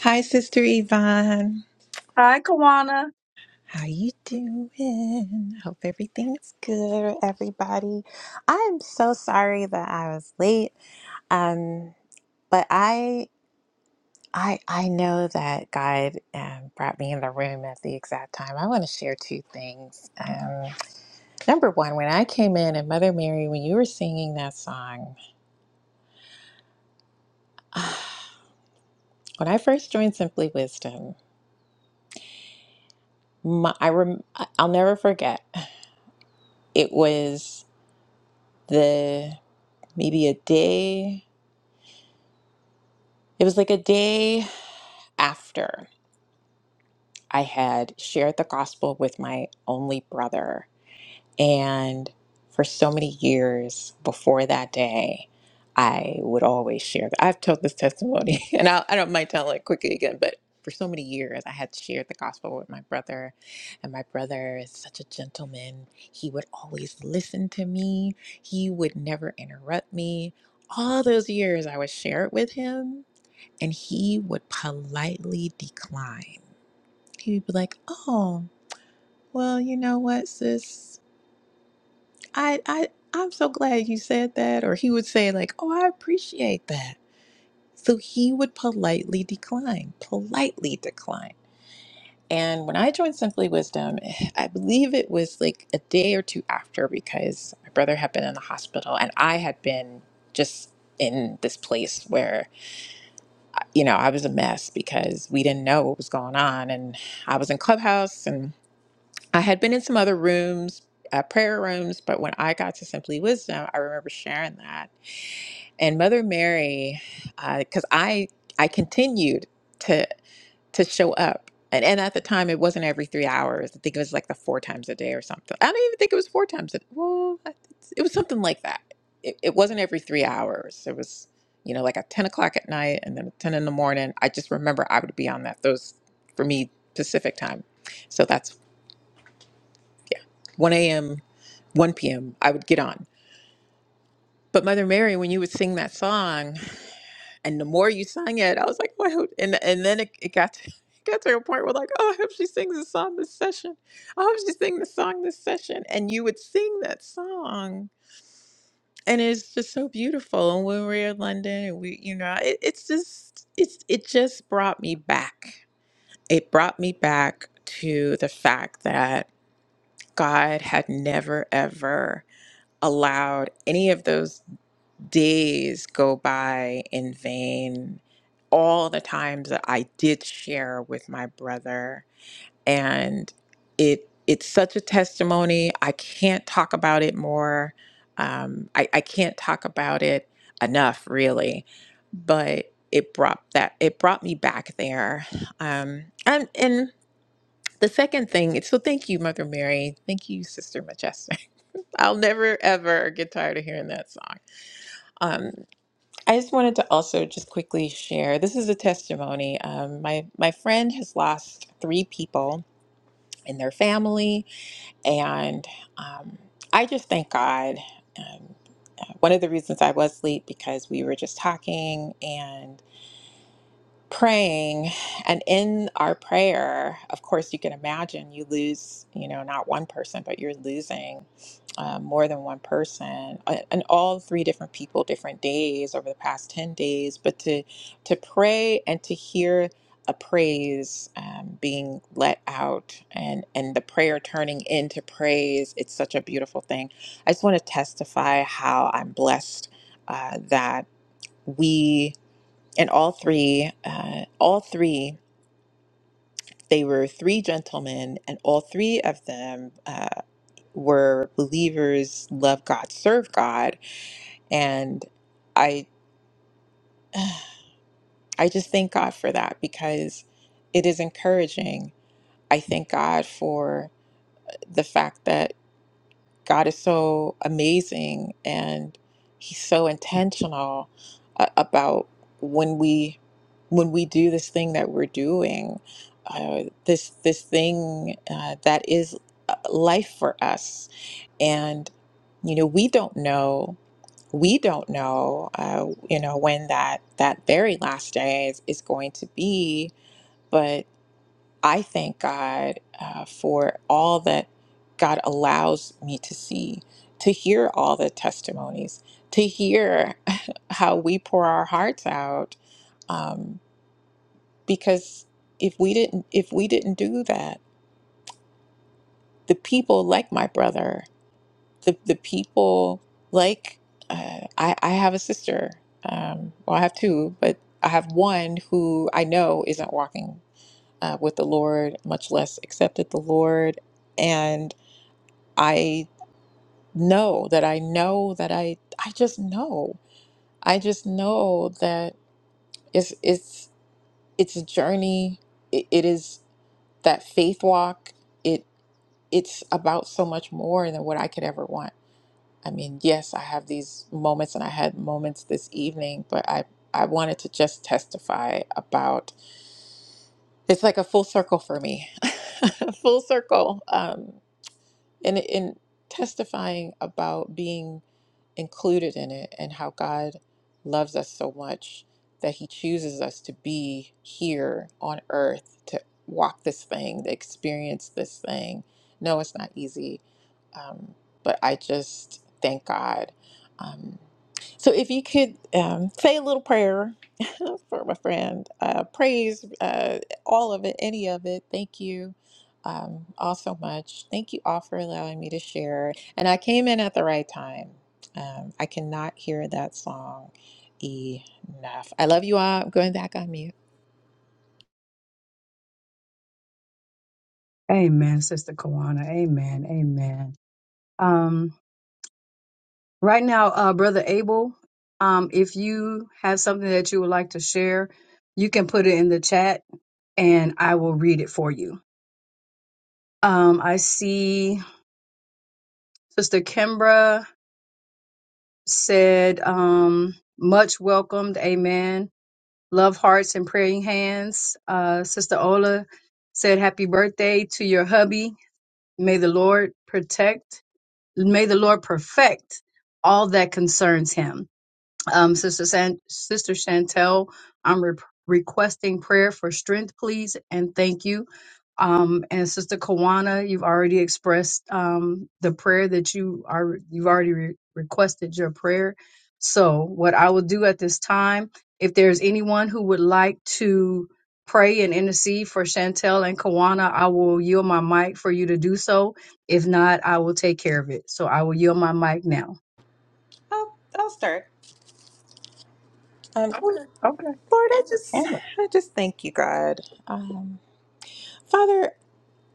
Speaker 7: Hi, Sister Yvonne.
Speaker 1: Hi, Kawana.
Speaker 7: How you doing? Hope everything's good, everybody. I'm so sorry that I was late. Um, but I I I know that God um, brought me in the room at the exact time. I want to share two things. Um, number one, when I came in and Mother Mary, when you were singing that song, when I first joined Simply Wisdom, my, I rem- I- I'll never forget. It was. the maybe a day, it was like a day after I had shared the gospel with my only brother. And for so many years before that day, I would always share. I've told this testimony, and I, I don't mind telling it quickly again, but for so many years, I had shared the gospel with my brother. And my brother is such a gentleman. He would always listen to me, he would never interrupt me. All those years, I would share it with him, and he would politely decline. He would be like, Oh, well, you know what, sis? I, I, I'm so glad you said that. Or he would say, like, oh, I appreciate that. So he would politely decline, politely decline. And when I joined Simply Wisdom, I believe it was like a day or two after because my brother had been in the hospital and I had been just in this place where, you know, I was a mess because we didn't know what was going on. And I was in Clubhouse and I had been in some other rooms, uh, prayer rooms, but when I got to Simply Wisdom, I remember sharing that and mother mary because i i continued to to show up and, and at the time it wasn't every three hours i think it was like the four times a day or something i don't even think it was four times a day well I- it was something like that it, it wasn't every three hours it was you know like at 10 o'clock at night and then at 10 in the morning i just remember i would be on that those for me pacific time so that's yeah 1 a.m 1 p.m i would get on but mother mary when you would sing that song and the more you sang it, I was like, wow. And and then it, it got to it got to a point where like, oh, I hope she sings this song this session. I hope she sings this song this session. And you would sing that song. And it's just so beautiful. And when we were in London and we, you know, it, it's just it's it just brought me back. It brought me back to the fact that God had never ever allowed any of those days go by in vain. All the times that I did share with my brother, and it it's such a testimony. I can't talk about it more. Um, I, I can't talk about it enough, really. But it brought that it brought me back there. Um, and and the second thing, is- so thank you, Mother Mary. Thank you, Sister Majestic. I'll never ever get tired of hearing that song Um, I just wanted to also just quickly share. This is a testimony. Um, my my friend has lost three people in their family, and um, I just thank God. Um, uh, one of the reasons I was late because we were just talking, praying and in our prayer of course you can imagine you lose you know not one person but you're losing um, more than one person uh, and all three different people different days over the past 10 days but to to pray and to hear a praise um, being let out and and the prayer turning into praise it's such a beautiful thing i just want to testify how i'm blessed uh, that we and all three uh, all three they were three gentlemen and all three of them uh, were believers love god serve god and i i just thank god for that because it is encouraging i thank god for the fact that God is so amazing and he's so intentional uh, about when we when we do this thing that we're doing uh, this this thing uh, that is uh, life for us and you know we don't know we don't know uh, you know when that that very last day is, is going to be but I thank God uh, for all that God allows me to see, to hear all the testimonies, to hear how we pour our hearts out. Um, because if we didn't, if we didn't do that, the people like my brother, the the people like uh, I, I have a sister. Um, well, I have two, but I have one who I know isn't walking uh, with the Lord, much less accepted the Lord, and. I know that I know that I I just know. I just know that it's it's it's a journey. It, it is that faith walk. It it's about so much more than what I could ever want. I mean, yes, I have these moments and I had moments this evening, but I I wanted to just testify about it's like a full circle for me. full circle um and in testifying about being included in it and how God loves us so much that he chooses us to be here on earth to walk this thing, to experience this thing. No, it's not easy, um, but I just thank God. Um, so if you could um, say a little prayer for my friend, uh, praise uh, all of it, any of it. Thank you um, all so much. Thank you all for allowing me to share. And I came in at the right time. Um, I cannot hear that song enough. I love you all. I'm going back on mute.
Speaker 1: Amen, Sister Kawana. Amen. Amen. Um, right now, uh, Brother Abel, um, if you have something that you would like to share, you can put it in the chat and I will read it for you. Um, I see Sister Kimbra said, um, much welcomed, amen. Love hearts and praying hands. Uh, Sister Ola said, happy birthday to your hubby. May the Lord protect, may the Lord perfect all that concerns him. Um, Sister San- Sister Chantel, I'm re- requesting prayer for strength, please, and thank you. Um, and Sister Kawana, you've already expressed um, the prayer that you are you've already re- requested your prayer. So, what I will do at this time, if there's anyone who would like to pray and intercede for Chantel and Kawana, I will yield my mic for you to do so. If not, I will take care of it. So, I will yield my mic now.
Speaker 7: I'll, I'll start. Um, Lord,
Speaker 1: Okay.
Speaker 7: Lord, I just, I just thank you, God. Um, Father,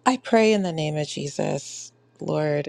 Speaker 7: I pray in the name of Jesus, Lord.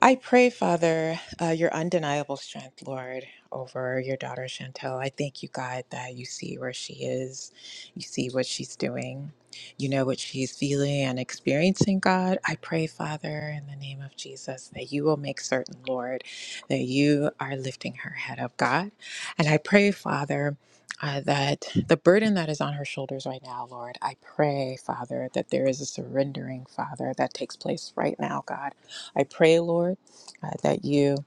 Speaker 7: I pray, Father, uh, your undeniable strength, Lord, over your daughter Chantel. I thank you, God, that you see where she is, you see what she's doing, you know what she's feeling and experiencing, God. I pray, Father, in the name of Jesus, that you will make certain, Lord, that you are lifting her head up, God. And I pray, Father, uh, that the burden that is on her shoulders right now, Lord, I pray, Father, that there is a surrendering, Father, that takes place right now, God I pray, Lord, uh, that you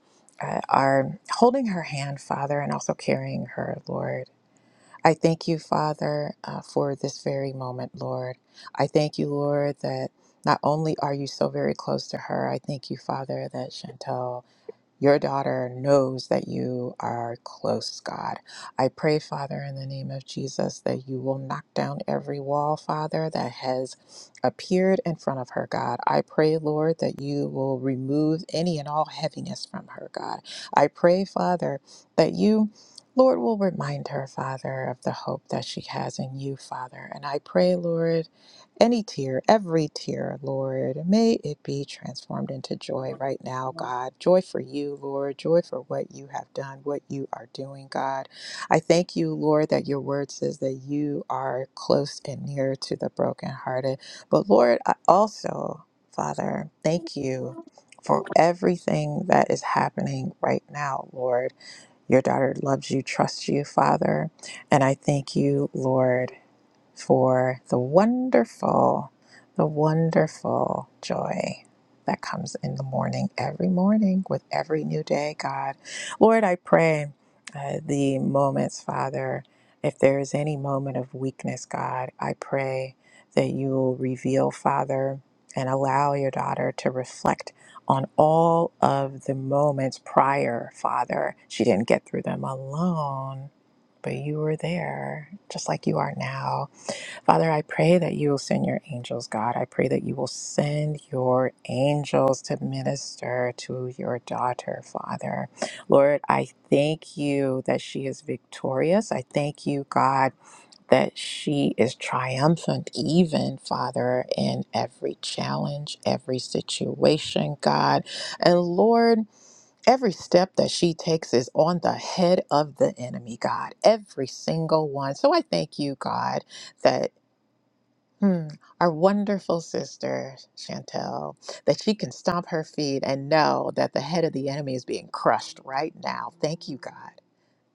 Speaker 7: uh, are holding her hand, Father, and also carrying her, Lord. I thank you, Father, uh, for this very moment, Lord. I thank you, Lord, that not only are you so very close to her, I thank you, Father, that Chantel your daughter knows that you are close, God. I pray, Father, in the name of Jesus, that you will knock down every wall, Father, that has appeared in front of her, God. I pray, Lord, that you will remove any and all heaviness from her, God. I pray, Father, that you. Lord will remind her, Father, of the hope that she has in you, Father. And I pray, Lord, any tear, every tear, Lord. May it be transformed into joy right now, God. Joy for you, Lord. Joy for what you have done, what you are doing, God. I thank you, Lord, that your word says that you are close and near to the brokenhearted. But Lord, I also, Father, thank you. For everything that is happening right now, Lord. Your daughter loves you, trusts you, Father. And I thank you, Lord for the wonderful, the wonderful joy that comes in the morning, every morning with every new day, God. Lord, I pray uh, the moments, Father, if there is any moment of weakness, God, I pray that you will reveal, Father, and allow your daughter to reflect on all of the moments prior, Father. She didn't get through them alone but you were there just like you are now Father, I pray that you will send your angels, God. I pray that you will send your angels to minister to your daughter, Father. Lord, I thank you that she is victorious. I thank you, God, that she is triumphant, even, Father, in every challenge, every situation, God. And Lord, Every step that she takes is on the head of the enemy, God. Every single one. So I thank you, God, that. Hmm. Our wonderful sister, Chantel, that she can stomp her feet and know that the head of the enemy is being crushed right now. Thank you, God.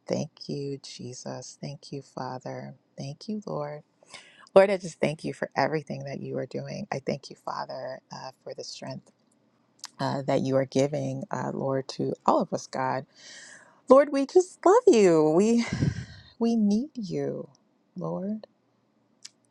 Speaker 7: Thank you, Jesus. Thank you, Father. Thank you, Lord. Lord, I just thank you for everything that you are doing. I thank you, Father, uh, for the strength uh, that you are giving, uh, Lord, to all of us, God. Lord, we just love you. We we need you, Lord.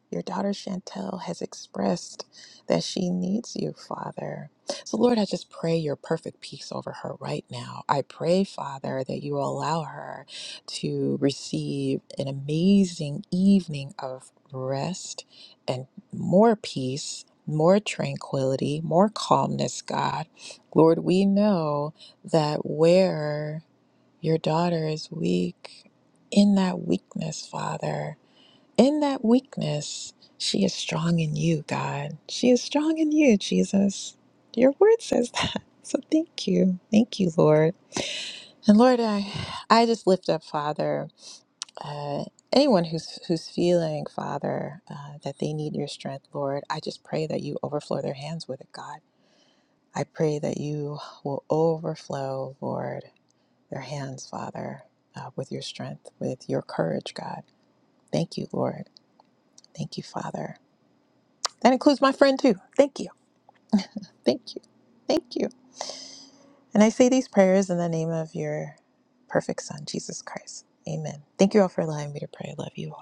Speaker 7: Your daughter Chantel has expressed that she needs you, Father. So, Lord, I just pray your perfect peace over her right now. I pray, Father, that you will allow her to receive an amazing evening of rest and more peace, more tranquility, more calmness, God. Lord, we know that where your daughter is weak, in that weakness, Father, in that weakness, she is strong in you, God. She is strong in you, Jesus. Your word says that. So thank you. Thank you, Lord. And Lord, I, I just lift up, Father, uh, anyone who's, who's feeling, Father, uh, that they need your strength, Lord. I just pray that you overflow their hands with it, God. I pray that you will overflow, Lord, their hands, Father, uh, with your strength, with your courage, God. Thank you, Lord. Thank you, Father. That includes my friend too. Thank you. Thank you. Thank you. And I say these prayers in the name of your perfect Son, Jesus Christ. Amen. Thank you all for allowing me to pray. I love you all.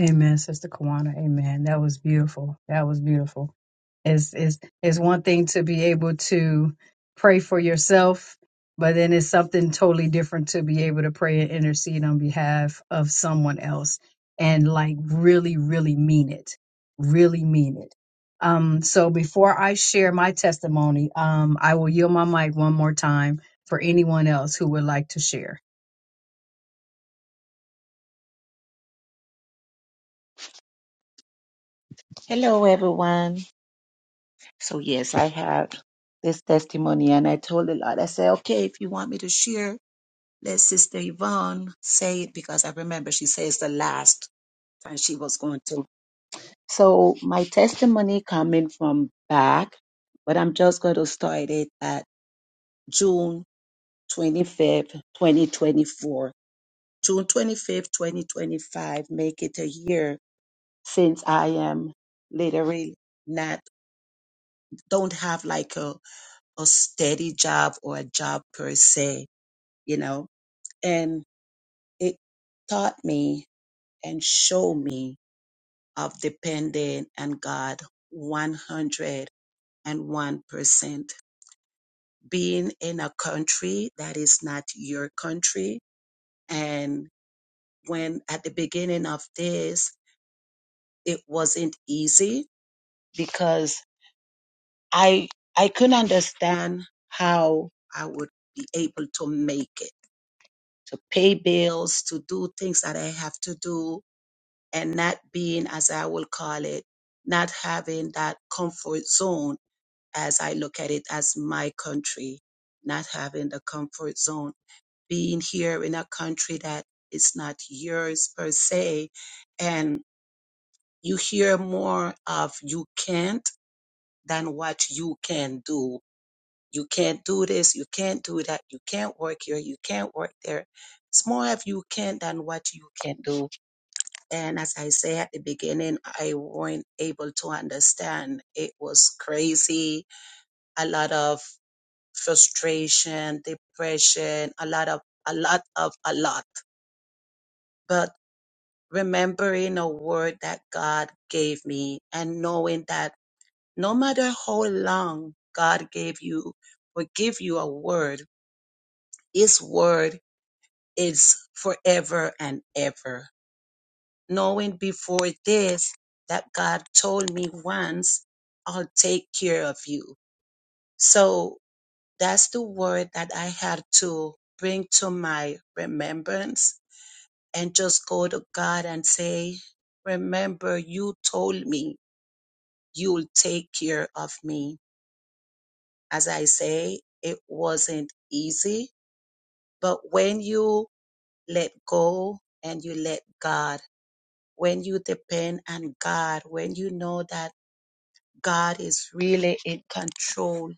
Speaker 1: Amen, Sister Kawana. Amen. That was beautiful. That was beautiful. It's, it's, it's one thing to be able to pray for yourself, but then it's something totally different to be able to pray and intercede on behalf of someone else and like really, really mean it. Really mean it. Um, so before I share my testimony, um, I will yield my mic one more time for anyone else who would like to share.
Speaker 8: Hello, everyone. So, yes, I had this testimony and I told the Lord, I said, okay, if you want me to share, let Sister Yvonne say it because I remember she says the last time she was going to. So, my testimony coming from back, but I'm just going to start it at June 25th, 2024. June 25th, 2025, make it a year since I am literally not, don't have like a a steady job or a job per se, you know. And it taught me and showed me of depending on God 101%. Being in a country that is not your country. And when at the beginning of this, it wasn't easy because I, I couldn't understand how I would be able to make it to pay bills, to do things that I have to do, and not being, as I will call it, not having that comfort zone as I look at it as my country, not having the comfort zone, being here in a country that is not yours per se. And you hear more of you can't than what you can do you can't do this, you can't do that, you can't work here, you can't work there. It's more if you can than what you can do. And as I say at the beginning, I weren't able to understand. It was crazy, a lot of frustration, depression, a lot of a lot of a lot. But remembering a word that God gave me and knowing that no matter how long God gave you or give you a word, his word Is forever and ever. Knowing before this that God told me once, I'll take care of you. So that's the word that I had to bring to my remembrance and just go to God and say, Remember, you told me you'll take care of me. As I say, it wasn't easy, but when you let go and you let God, when you depend on God, when you know that God is really in control,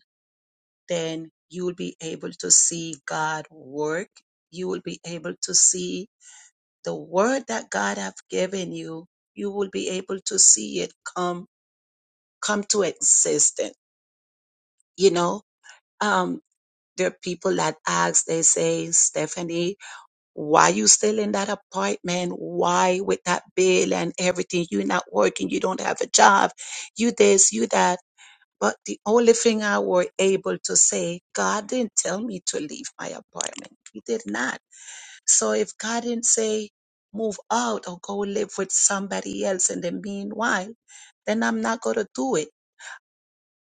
Speaker 8: then you will be able to see God work. You will be able to see the word that God have given you. You will be able to see it come come to existence. You know, um, there are people that ask, they say, Stephanie, Why you still in that apartment? Why with that bill and everything? you not working. You don't have a job. You this, you that. But the only thing I were able to say, God didn't tell me to leave my apartment. He did not. So if God didn't say move out or go live with somebody else in the meanwhile, then I'm not going to do it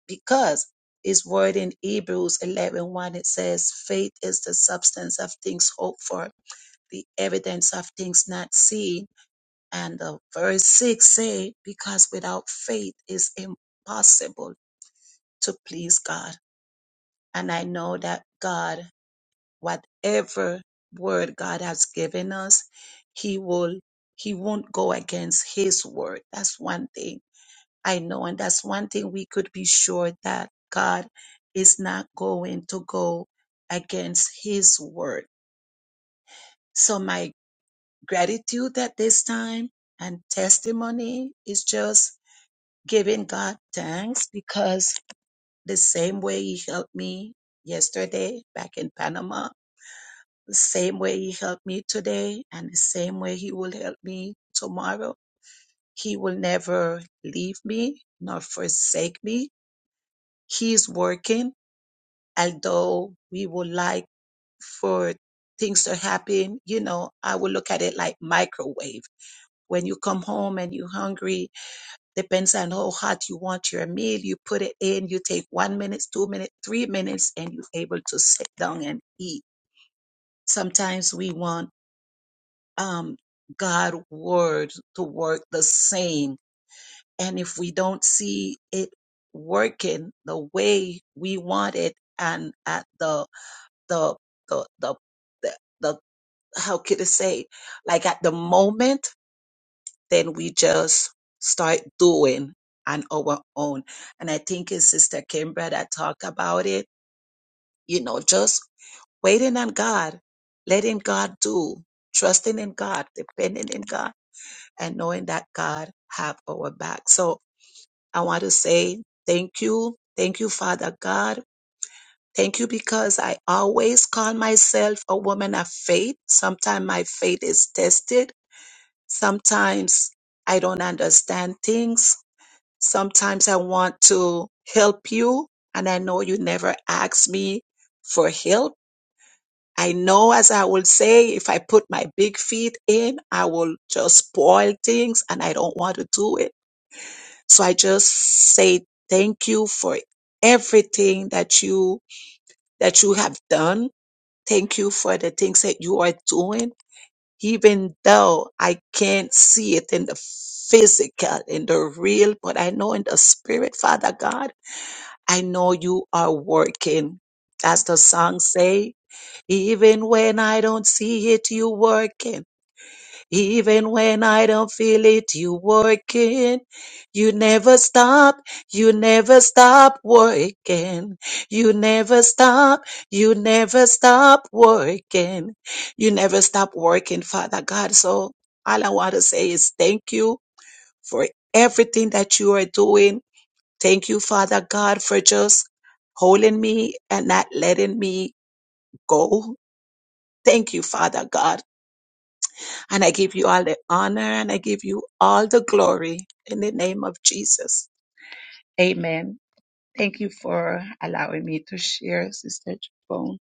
Speaker 8: because his word in Hebrews 11 one, it says, faith is the substance of things hoped for the evidence of things not seen. And uh, verse 6 say, because without faith is impossible to please God. And I know that God, whatever word God has given us, he will, he won't go against his word. That's one thing I know. And that's one thing we could be sure that God is not going to go against his word. So my gratitude at this time and testimony is just giving God thanks because the same way He helped me yesterday back in Panama, the same way He helped me today, and the same way He will help me tomorrow. He will never leave me nor forsake me. He's working, although we would like for things to happen. You know, I will look at it like microwave. When you come home and you're hungry, Depends on how hot you want your meal. You put it in, you take one minute, two minutes, three minutes, and you're able to sit down and eat. Sometimes we want um, God word to work the same. And if we don't see it working the way we want it and at the the the the the, the how could I say like at the moment then we just start doing on our own. And I think it's Sister Kimbra that talked about it, you know, just waiting on God, letting God do, trusting in God, depending in God, and knowing that God have our back. So I want to say thank you. Thank you, Father God. Thank you because I always call myself a woman of faith. Sometimes my faith is tested. Sometimes I don't understand things Sometimes I want to help you, and I know you never ask me for help. I know, as I will say, if I put my big feet in, I will just spoil things, and I don't want to do it. So I just say thank you for everything that you that you have done. Thank you for the things that you are doing, even though I can't see it in the physical, in the real, but I know in the spirit, Father God. I know you are working. As the song say, even when I don't see it, you working. Even when I don't feel it, you working. You never stop. You never stop working. You never stop. You never stop working. You never stop working, Father God. So all I want to say is thank you for everything that you are doing Thank you, Father God, for just holding me and not letting me go. Thank you, Father God. And I give you all the honor and I give you all the glory in the name of Jesus. Amen. Thank you for allowing me to share, Sister Jabone.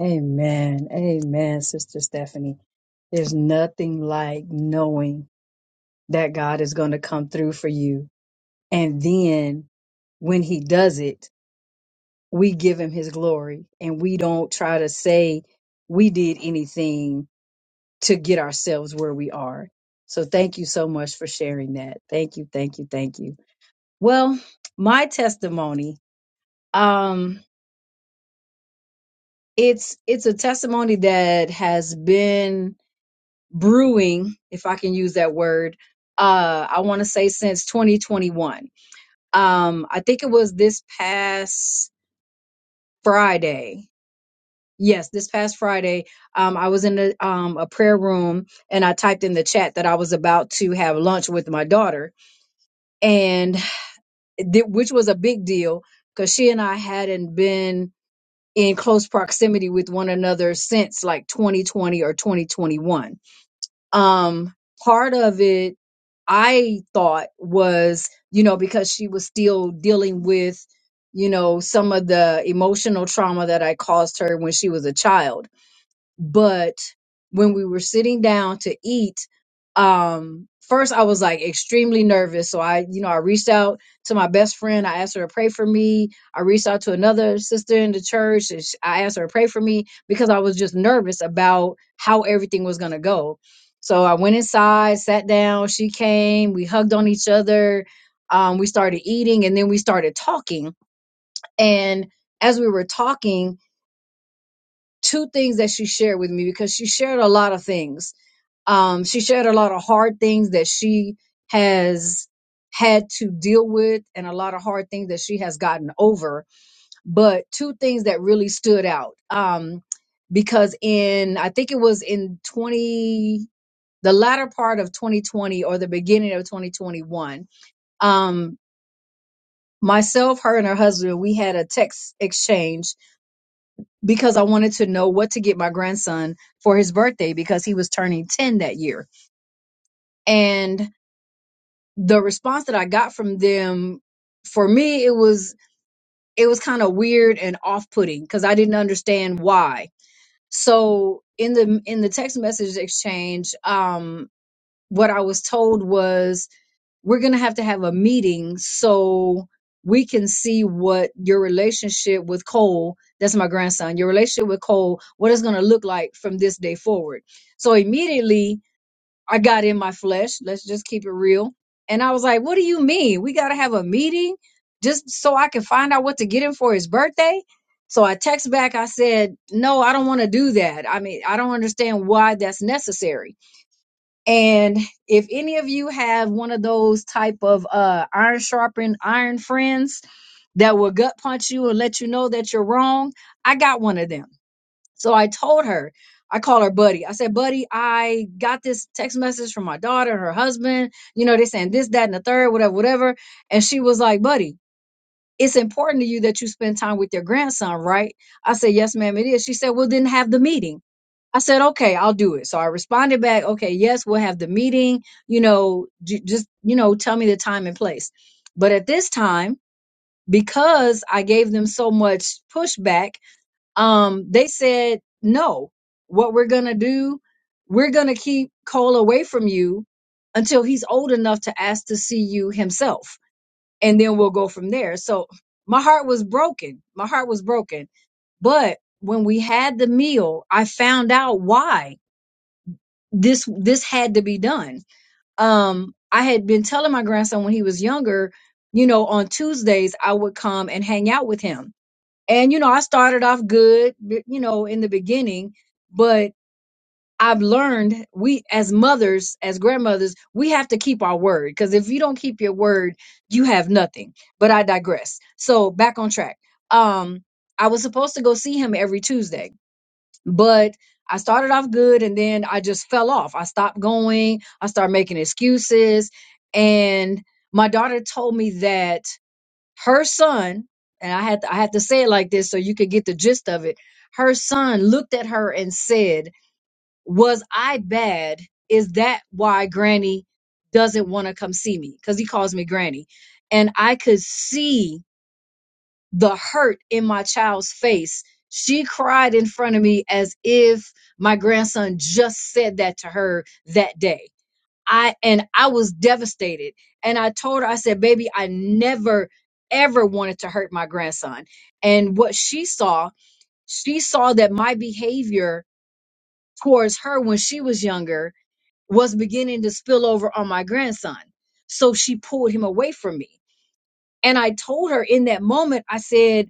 Speaker 1: Amen. Amen, Sister Stephanie. There's nothing like knowing that God is going to come through for you. And then when he does it, we give him his glory and we don't try to say we did anything to get ourselves where we are. So thank you so much for sharing that. Thank you, thank you, thank you. Well, my testimony, um it's it's a testimony that has been brewing, if I can use that word, uh, I want to say since 2021. Um, I think it was this past Friday. Yes, this past Friday, um, I was in a, um, a prayer room and I typed in the chat that I was about to have lunch with my daughter, and th- which was a big deal because she and I hadn't been in close proximity with one another since like 2020 or 2021 um part of it i thought was you know because she was still dealing with you know some of the emotional trauma that i caused her when she was a child but when we were sitting down to eat um first i was like extremely nervous so i you know i reached out to my best friend i asked her to pray for me i reached out to another sister in the church and sh- i asked her to pray for me because i was just nervous about how everything was going to go so i went inside sat down she came we hugged on each other um, we started eating and then we started talking and as we were talking two things that she shared with me because she shared a lot of things. Um, she shared a lot of hard things that she has had to deal with and a lot of hard things that she has gotten over. But two things that really stood out. Um, because in, I think it was in 20, the latter part of 2020 or the beginning of 2021, um, myself, her, and her husband, we had a text exchange because I wanted to know what to get my grandson for his birthday because he was turning 10 that year. And the response that I got from them for me it was it was kind of weird and off-putting cuz I didn't understand why. So in the in the text message exchange um what I was told was we're going to have to have a meeting so we can see what your relationship with Cole, that's my grandson, your relationship with Cole, what it's going to look like from this day forward. So immediately I got in my flesh. Let's just keep it real. And I was like, what do you mean? We got to have a meeting just so I can find out what to get him for his birthday? So I text back, I said, no, I don't want to do that. I mean, I don't understand why that's necessary. And if any of you have one of those type of uh, iron sharpened iron friends that will gut punch you and let you know that you're wrong, I got one of them. So I told her, I call her buddy. I said, buddy, I got this text message from my daughter and her husband. You know, they saying this, that, and the third, whatever, whatever. And she was like, buddy, it's important to you that you spend time with your grandson, right? I said, yes, ma'am, it is. She said, well, then have the meeting. I said, okay, I'll do it. So I responded back, okay, yes, we'll have the meeting. You know, j- just, you know, tell me the time and place. But at this time, because I gave them so much pushback, um, they said, no, what we're going to do, we're going to keep Cole away from you until he's old enough to ask to see you himself. And then we'll go from there. So my heart was broken. My heart was broken. But when we had the meal, I found out why this this had to be done. Um, I had been telling my grandson when he was younger, you know, on Tuesdays I would come and hang out with him. And you know, I started off good, b- you know, in the beginning, but I've learned we as mothers, as grandmothers, we have to keep our word because if you don't keep your word, you have nothing. But I digress. So back on track. Um, I was supposed to go see him every Tuesday but I started off good and then I just fell off. I stopped going. I started making excuses. And my daughter told me that her son, and I had to, I had to say it like this so you could get the gist of it. Her son looked at her and said, "Was I bad? Is that why Granny doesn't want to come see me? Cuz he calls me Granny." And I could see the hurt in my child's face. She cried in front of me as if my grandson just said that to her that day. I and I was devastated. And I told her, I said, baby, I never ever wanted to hurt my grandson. And what she saw, she saw that my behavior towards her when she was younger was beginning to spill over on my grandson. So she pulled him away from me. And I told her in that moment, I said,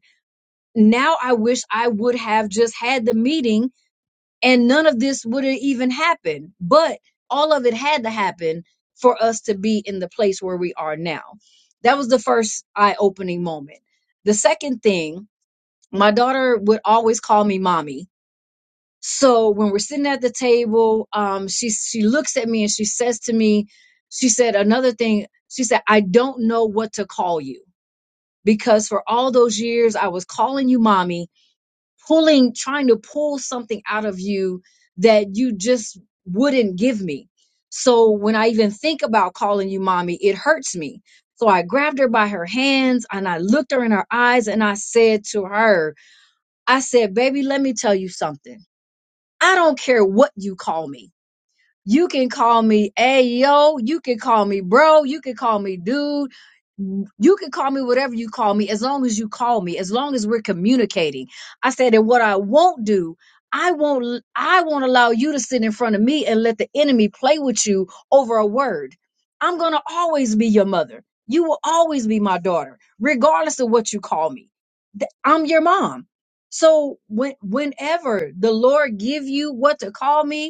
Speaker 1: now I wish I would have just had the meeting and none of this would have even happened. But all of it had to happen for us to be in the place where we are now. That was the first eye opening moment. The second thing, my daughter would always call me mommy. So when we're sitting at the table, um, she she looks at me and she says to me, she said another thing. She said, "I don't know what to call you because for all those years I was calling you mommy, pulling, trying to pull something out of you that you just wouldn't give me. So when I even think about calling you mommy, it hurts me. So I grabbed her by her hands and I looked her in her eyes and I said to her, I said, baby, let me tell you something. I don't care what you call me. You can call me Ayo. You can call me bro. You can call me dude. You can call me whatever you call me, as long as you call me, as long as we're communicating. I said, and what I won't do, I won't, I won't allow you to sit in front of me and let the enemy play with you over a word. I'm gonna always be your mother. You will always be my daughter, regardless of what you call me. Th- I'm your mom. So when, whenever the Lord give you what to call me,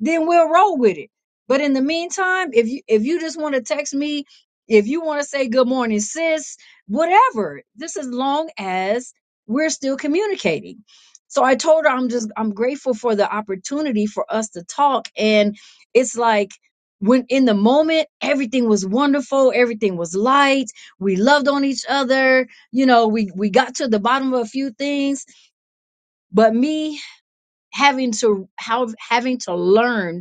Speaker 1: then we'll roll with it. But in the meantime, if you if you just want to text me, if you want to say good morning, sis, whatever. This as long as we're still communicating. So I told her I'm just I'm grateful for the opportunity for us to talk. And it's like when in the moment everything was wonderful, everything was light, we loved on each other, you know, we we got to the bottom of a few things, but me having to how having to learn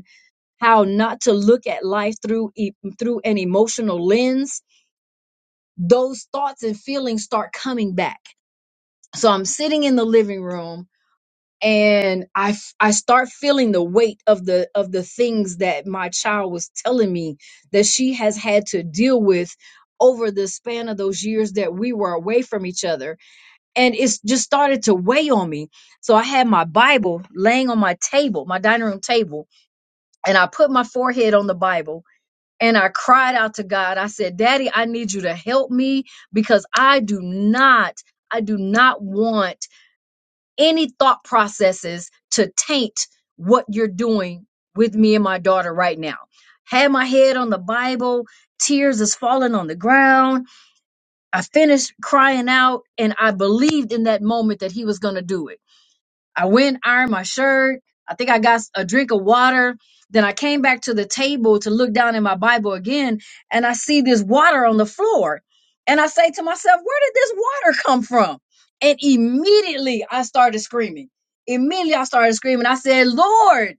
Speaker 1: how not to look at life through e- through an emotional lens those thoughts and feelings start coming back so i'm sitting in the living room and i f- i start feeling the weight of the of the things that my child was telling me that she has had to deal with over the span of those years that we were away from each other and it's just started to weigh on me so i had my bible laying on my table my dining room table and i put my forehead on the bible and I cried out to God. I said, Daddy, I need you to help me because I do not, I do not want any thought processes to taint what you're doing with me and my daughter right now. Had my head on the Bible, tears is falling on the ground. I finished crying out and I believed in that moment that he was going to do it. I went, ironed my shirt. I think I got a drink of water. Then I came back to the table to look down in my Bible again, and I see this water on the floor. And I say to myself, Where did this water come from? And immediately I started screaming. Immediately I started screaming. I said, Lord,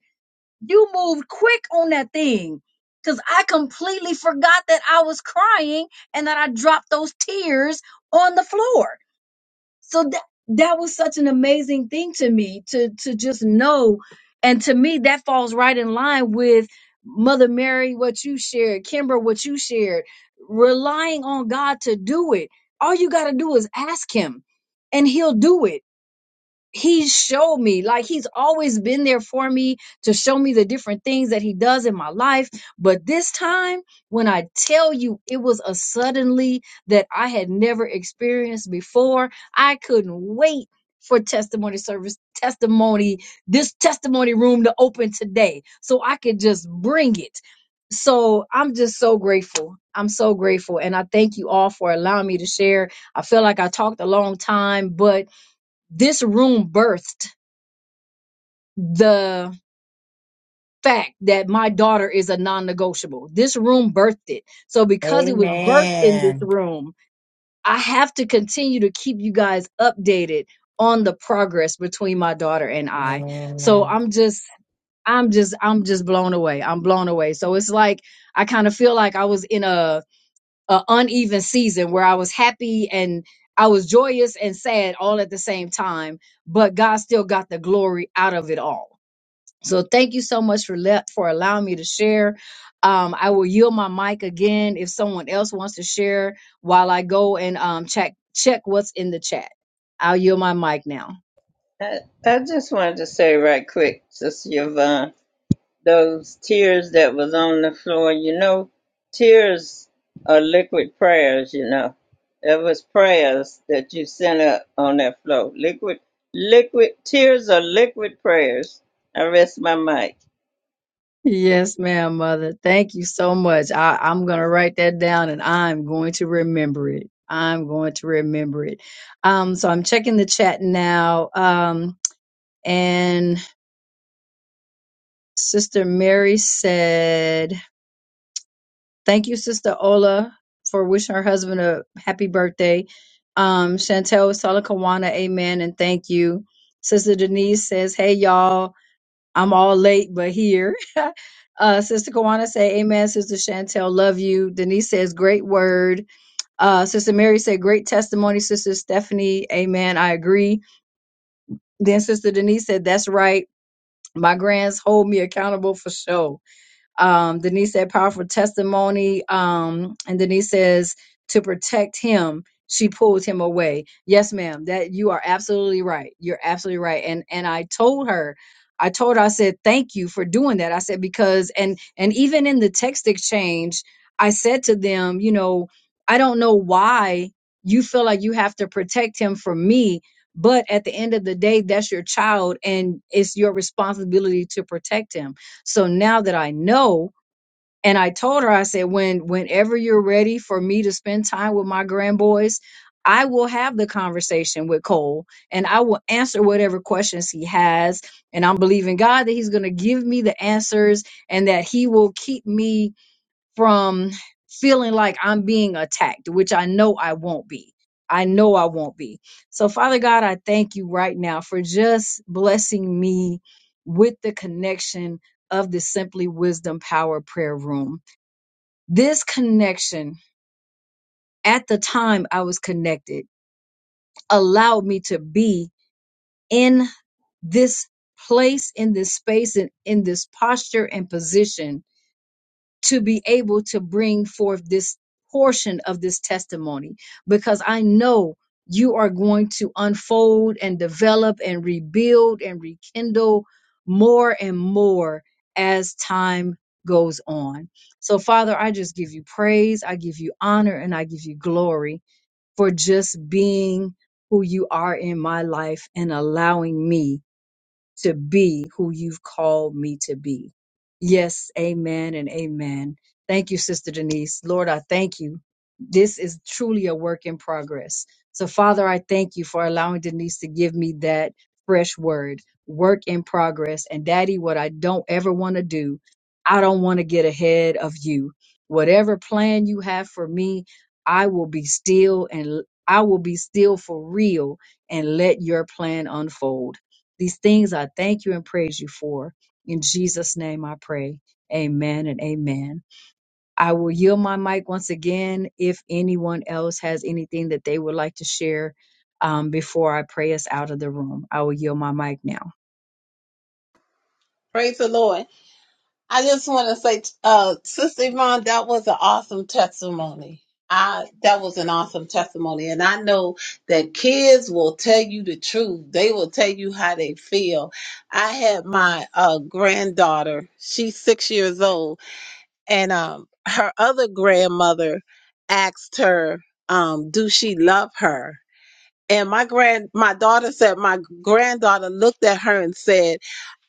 Speaker 1: you moved quick on that thing. Because I completely forgot that I was crying and that I dropped those tears on the floor so that that was such an amazing thing to me to to just know and to me that falls right in line with mother mary what you shared kimber what you shared relying on god to do it all you got to do is ask him and he'll do it he showed me like he's always been there for me to show me the different things that he does in my life but this time when i tell you it was a suddenly that i had never experienced before i couldn't wait for testimony service testimony this testimony room to open today so i could just bring it so i'm just so grateful i'm so grateful and i thank you all for allowing me to share i feel like i talked a long time but this room birthed the fact that my daughter is a non-negotiable. This room birthed it. So because it was birthed in this
Speaker 4: Amen.
Speaker 1: room, I have to continue to keep you guys updated on the progress between my daughter and I. So
Speaker 4: Amen.
Speaker 1: I'm just I'm just I'm just blown away. I'm blown away. So it's like I kind of feel like I was in a, a uneven season where I was happy and I was joyous and sad all at the same time, but God still got the glory out of it all. So thank you so much for le- for allowing me to share. Um, I will yield my mic again if someone else wants to share while I go and um, check check what's in the chat. I'll yield my mic now.
Speaker 3: I, I just wanted to say right quick, Sister Yvonne, those tears that was on the floor, you know, tears are liquid prayers, you know. That was prayers that you sent up on that floor. Liquid, liquid, tears are liquid prayers. I rest my mic.
Speaker 1: Yes, ma'am, mother. Thank you so much. I, I'm gonna write that down and I'm going to remember it. I'm going to remember it. Um, so I'm checking the chat now. Um, and Sister Mary said Thank you, Sister Ola, for wishing her husband a happy birthday. Um, Chantel Salakawana, amen, and thank you. Sister Denise says, Hey y'all, I'm all late but here. uh, Sister Kawana say, Amen. Sister Chantel, love you. Denise says, Great word. Uh, Sister Mary said, Great testimony. Sister Stephanie, Amen. I agree. Then Sister Denise said, That's right. My grands hold me accountable for sure. Um, Denise said powerful testimony. Um, and Denise says to protect him, she pulled him away. Yes, ma'am. That you are absolutely right. You're absolutely right. And and I told her, I told her, I said, thank you for doing that. I said, because and and even in the text exchange, I said to them, you know, I don't know why you feel like you have to protect him from me. But at the end of the day, that's your child and it's your responsibility to protect him so now that I know, and I told her, I said, when whenever you're ready for me to spend time with my grandboys, I will have the conversation with Cole and I will answer whatever questions he has. And I'm believing God that He's gonna give me the answers and that He will keep me from feeling like I'm being attacked, which I know I won't be. I know I won't be. So, Father God, I thank you right now for just blessing me with the connection of the Simply Wisdom Power Prayer Room. This connection, at the time I was connected, allowed me to be in this place, in this space, and in this posture and position to be able to bring forth this portion of this testimony because I know you are going to unfold and develop and rebuild and rekindle more and more as time goes on. So, Father, I just give you praise, I give you honor, and I give you glory for just being who you are in my life and allowing me to be who you've called me to be. Yes, amen and amen. Thank you, Sister Denise. Lord, I thank you. This is truly a work in progress. So, Father, I thank you for allowing Denise to give me that fresh word, work in progress. And, Daddy, what I don't ever want to do, I don't want to get ahead of you. Whatever plan you have for me, I will be still and I will be still for real and let your plan unfold. These things I thank you and praise you for. In Jesus' name I pray. Amen and amen. I will yield my mic once again if anyone else has anything that they would like to share um, before I pray us out of the room. I will yield my mic now.
Speaker 9: Praise the Lord. I just want to say, uh, Sister Yvonne, that was an awesome testimony. I, that was an awesome testimony. And I know that kids will tell you the truth. They will tell you how they feel. I had my, uh, granddaughter, she's six years old, and, um, her other grandmother asked her, um, do she love her? And my grand my daughter said my granddaughter looked at her and said,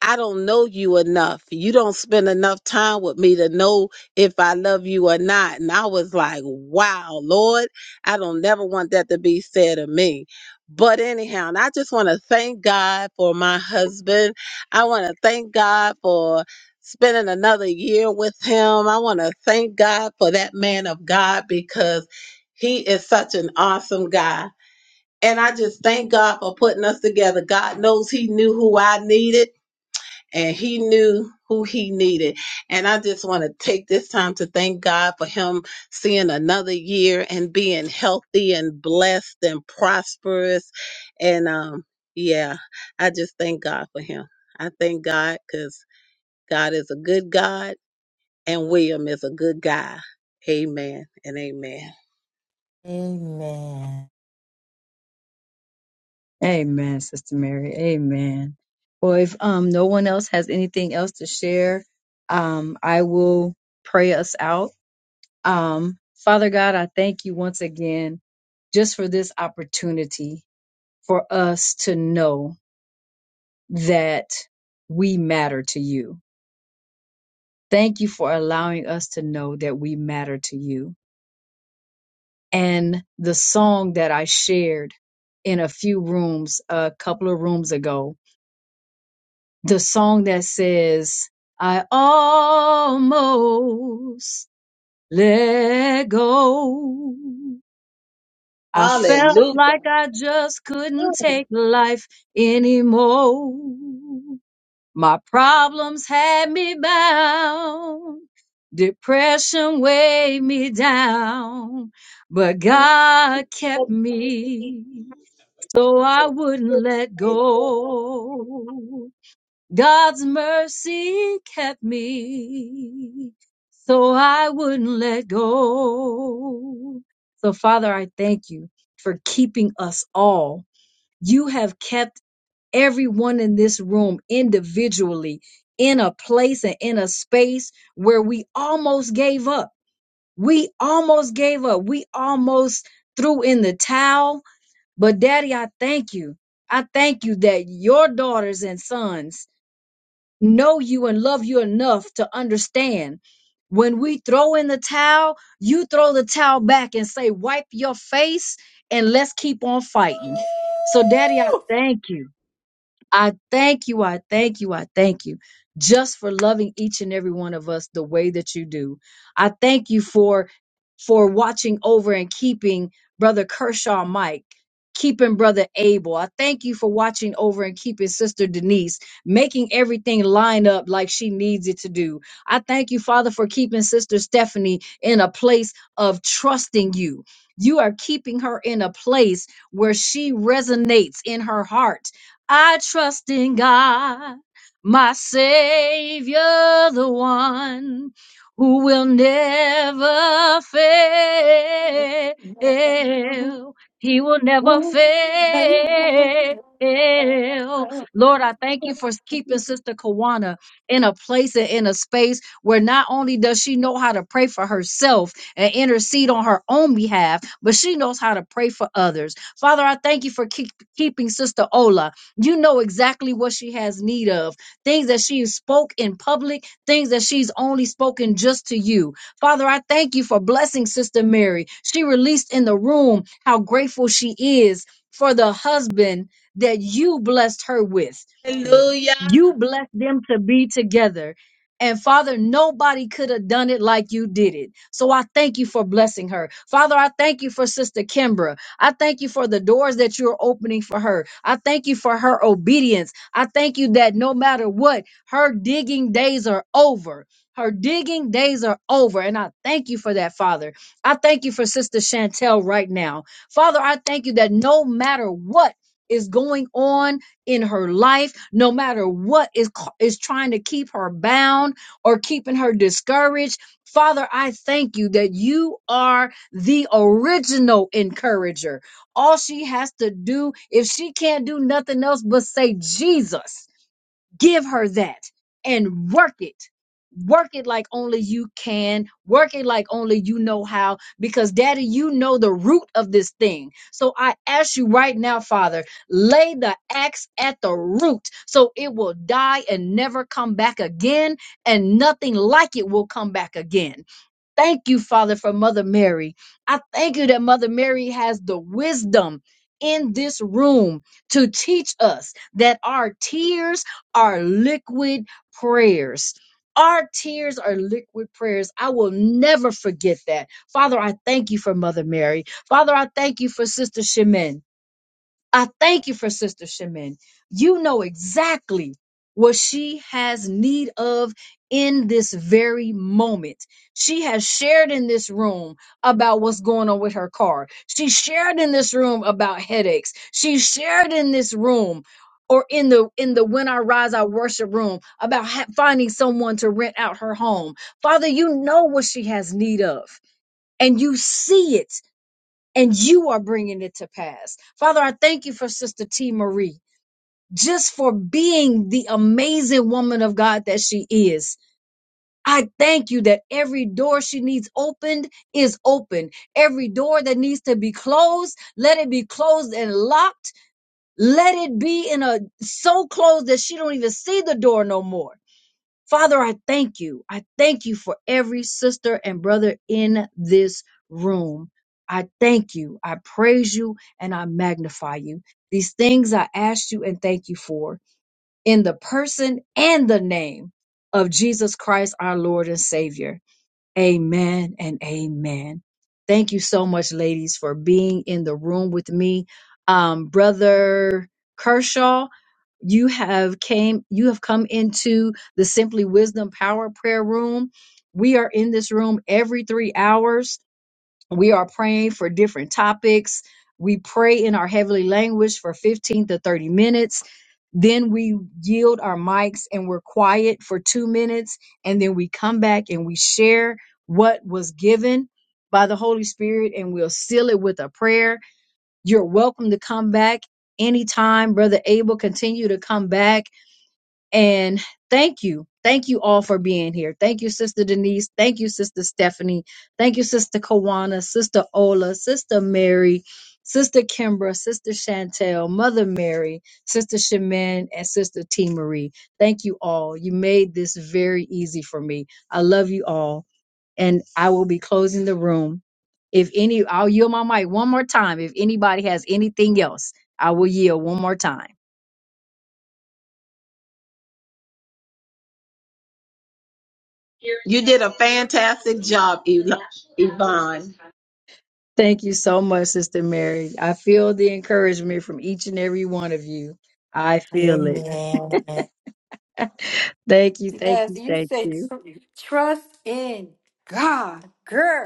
Speaker 9: I don't know you enough. You don't spend enough time with me to know if I love you or not. And I was like, wow, Lord, I don't never want that to be said of me. But anyhow, and I just want to thank God for my husband. I want to thank God for spending another year with him. I want to thank God for that man of God because he is such an awesome guy. And I just thank God for putting us together. God knows He knew who I needed and He knew who He needed. And I just want to take this time to thank God for Him seeing another year and being healthy and blessed and prosperous. And um, yeah, I just thank God for Him. I thank God because God is a good God and William is a good guy. Amen and amen.
Speaker 4: Amen.
Speaker 1: Amen, Sister Mary. Amen. Well, if um, no one else has anything else to share, um, I will pray us out. Um, Father God, I thank you once again just for this opportunity for us to know that we matter to you. Thank you for allowing us to know that we matter to you. And the song that I shared in a few rooms a couple of rooms ago, the song that says, I almost let go. I felt
Speaker 9: Hallelujah.
Speaker 1: like I just couldn't take life anymore. My problems had me bound. Depression weighed me down, but God kept me so I wouldn't let go. God's mercy kept me so I wouldn't let go. So Father, I thank you for keeping us all. You have kept everyone in this room individually in a place and in a space where we almost gave up. We almost gave up. We almost threw in the towel. But daddy, I thank you. I thank you that your daughters and sons know you and love you enough to understand. When we throw in the towel, you throw the towel back and say, wipe your face and let's keep on fighting. So daddy, I thank you. I thank you, I thank you, I thank you just for loving each and every one of us the way that you do. I thank you for for watching over and keeping brother Kershaw Mike, keeping brother Abel. I thank you for watching over and keeping sister Denise, making everything line up like she needs it to do. I thank you, Father, for keeping sister Stephanie in a place of trusting you. You are keeping her in a place where she resonates in her heart I trust in God, my Savior, the one who will never fail. He will never fail. Lord, I thank you for keeping Sister Kawana in a place and in a space where not only does she know how to pray for herself and intercede on her own behalf, but she knows how to pray for others. Father, I thank you for keep, keeping Sister Ola. You know exactly what she has need of. Things that she spoke in public, things that she's only spoken just to you. Father, I thank you for blessing Sister Mary. She released in the room how grateful she is for the husband that you blessed her with.
Speaker 4: Woo!
Speaker 9: Hallelujah.
Speaker 1: You blessed them to be together. And Father, nobody could have done it like you did it. So I thank you for blessing her. Father, I thank you for Sister Kimbra. I thank you for the doors that you're opening for her. I thank you for her obedience. I thank you that no matter what, her digging days are over. Her digging days are over. And I thank you for that, Father. I thank you for Sister Chantel right now. Father, I thank you that no matter what is going on in her life, no matter what is, ca- is trying to keep her bound or keeping her discouraged. Father, I thank you that you are the original encourager. All she has to do, if she can't do nothing else but say Jesus, give her that and work it work it like only you can work it like only you know how because daddy you know the root of this thing so i ask you right now father lay the axe at the root so it will die and never come back again and nothing like it will come back again thank you, Father, for Mother Mary. I thank you that Mother Mary has the wisdom in this room to teach us that our tears are liquid prayers. Our tears are liquid prayers. I will never forget that. Father, I thank you for Mother Mary. Father, I thank you for Sister Shemin. I thank you for Sister Shemin. You know exactly what she has need of in this very moment. She has shared in this room about what's going on with her car. She shared in this room about headaches. She shared in this room or in the in the when I rise I worship room about ha- finding someone to rent out her home. Father, you know what she has need of and you see it and you are bringing it to pass. Father, I thank you for Sister T. Marie, just for being the amazing woman of God that she is. I thank you that every door she needs opened is open. Every door that needs to be closed, let it be closed and locked. Let it be in a so closed that she don't even see the door no more. Father, I thank you. I thank you for every sister and brother in this room. I thank you. I praise you and I magnify you. These things I ask you and thank you for in the person and the name of Jesus Christ, our Lord and Savior. Amen and amen. Thank you so much, ladies, for being in the room with me. Um, Brother Kershaw, you have came, you have come into the Simply Wisdom Power Prayer Room. We are in this room every three hours we are praying for different topics. We pray in our heavenly language for 15 to 30 minutes. Then we yield our mics and we're quiet for two minutes. And then we come back and we share what was given by the Holy Spirit and we'll seal it with a prayer. You're welcome to come back anytime. Brother Abel, continue to come back. And thank you. Thank you all for being here. Thank you, Sister Denise. Thank you, Sister Stephanie. Thank you, Sister Kawana, Sister Ola, Sister Mary, Sister Kimbra, Sister Chantel, Mother Mary, Sister Shemin, and Sister T Marie. Thank you all. You made this very easy for me. I love you all. And I will be closing the room. If any, I'll yield my mic one more time. If anybody has anything else, I will yield one more time.
Speaker 9: You did a fantastic job, Yv- Yvonne.
Speaker 1: Thank you so much, Sister Mary. I feel the encouragement from each and every one of you. I feel it.
Speaker 4: Amen.
Speaker 1: Thank you, thank
Speaker 10: Yes,
Speaker 1: you,
Speaker 10: you
Speaker 1: thank
Speaker 10: said
Speaker 1: you.
Speaker 10: tr- trust in God,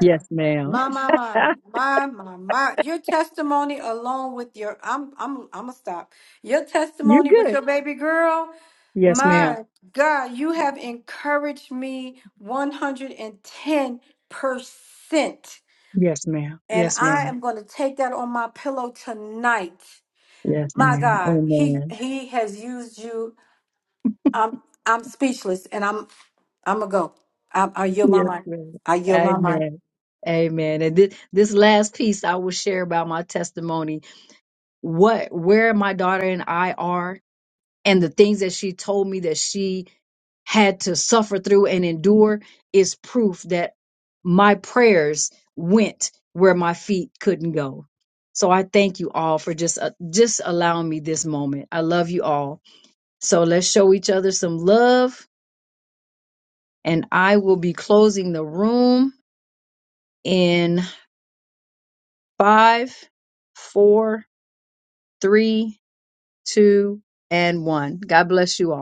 Speaker 1: Yes, ma'am.
Speaker 10: My, my, my, my, my, my. Your testimony alone with your, I'm, I'm, I'm gonna stop. Your
Speaker 1: You're
Speaker 10: testimony with
Speaker 1: good.
Speaker 10: your baby girl,
Speaker 1: Yes, ma'am.
Speaker 10: my God, you have encouraged me 110 percent,
Speaker 1: Yes, ma'am.
Speaker 10: and
Speaker 1: Yes,
Speaker 10: I
Speaker 1: ma'am.
Speaker 10: am gonna take that on my pillow tonight.
Speaker 1: Yes,
Speaker 10: My
Speaker 1: ma'am.
Speaker 10: God, he
Speaker 1: Amen.
Speaker 10: he has used you. I'm I'm speechless, and I'm I'm gonna go. I, I yield my
Speaker 1: Yes,
Speaker 10: mind.
Speaker 1: ma'am.
Speaker 10: I yield my mind.
Speaker 1: Amen. Amen. And this, this last piece I will share about my testimony, what where my daughter and I are and the things that she told me that she had to suffer through and endure is proof that my prayers went where my feet couldn't go. So I thank you all for just uh, just allowing me this moment. I love you all. So let's show each other some love and I will be closing the room in five, four, three, two, and one. God bless you all.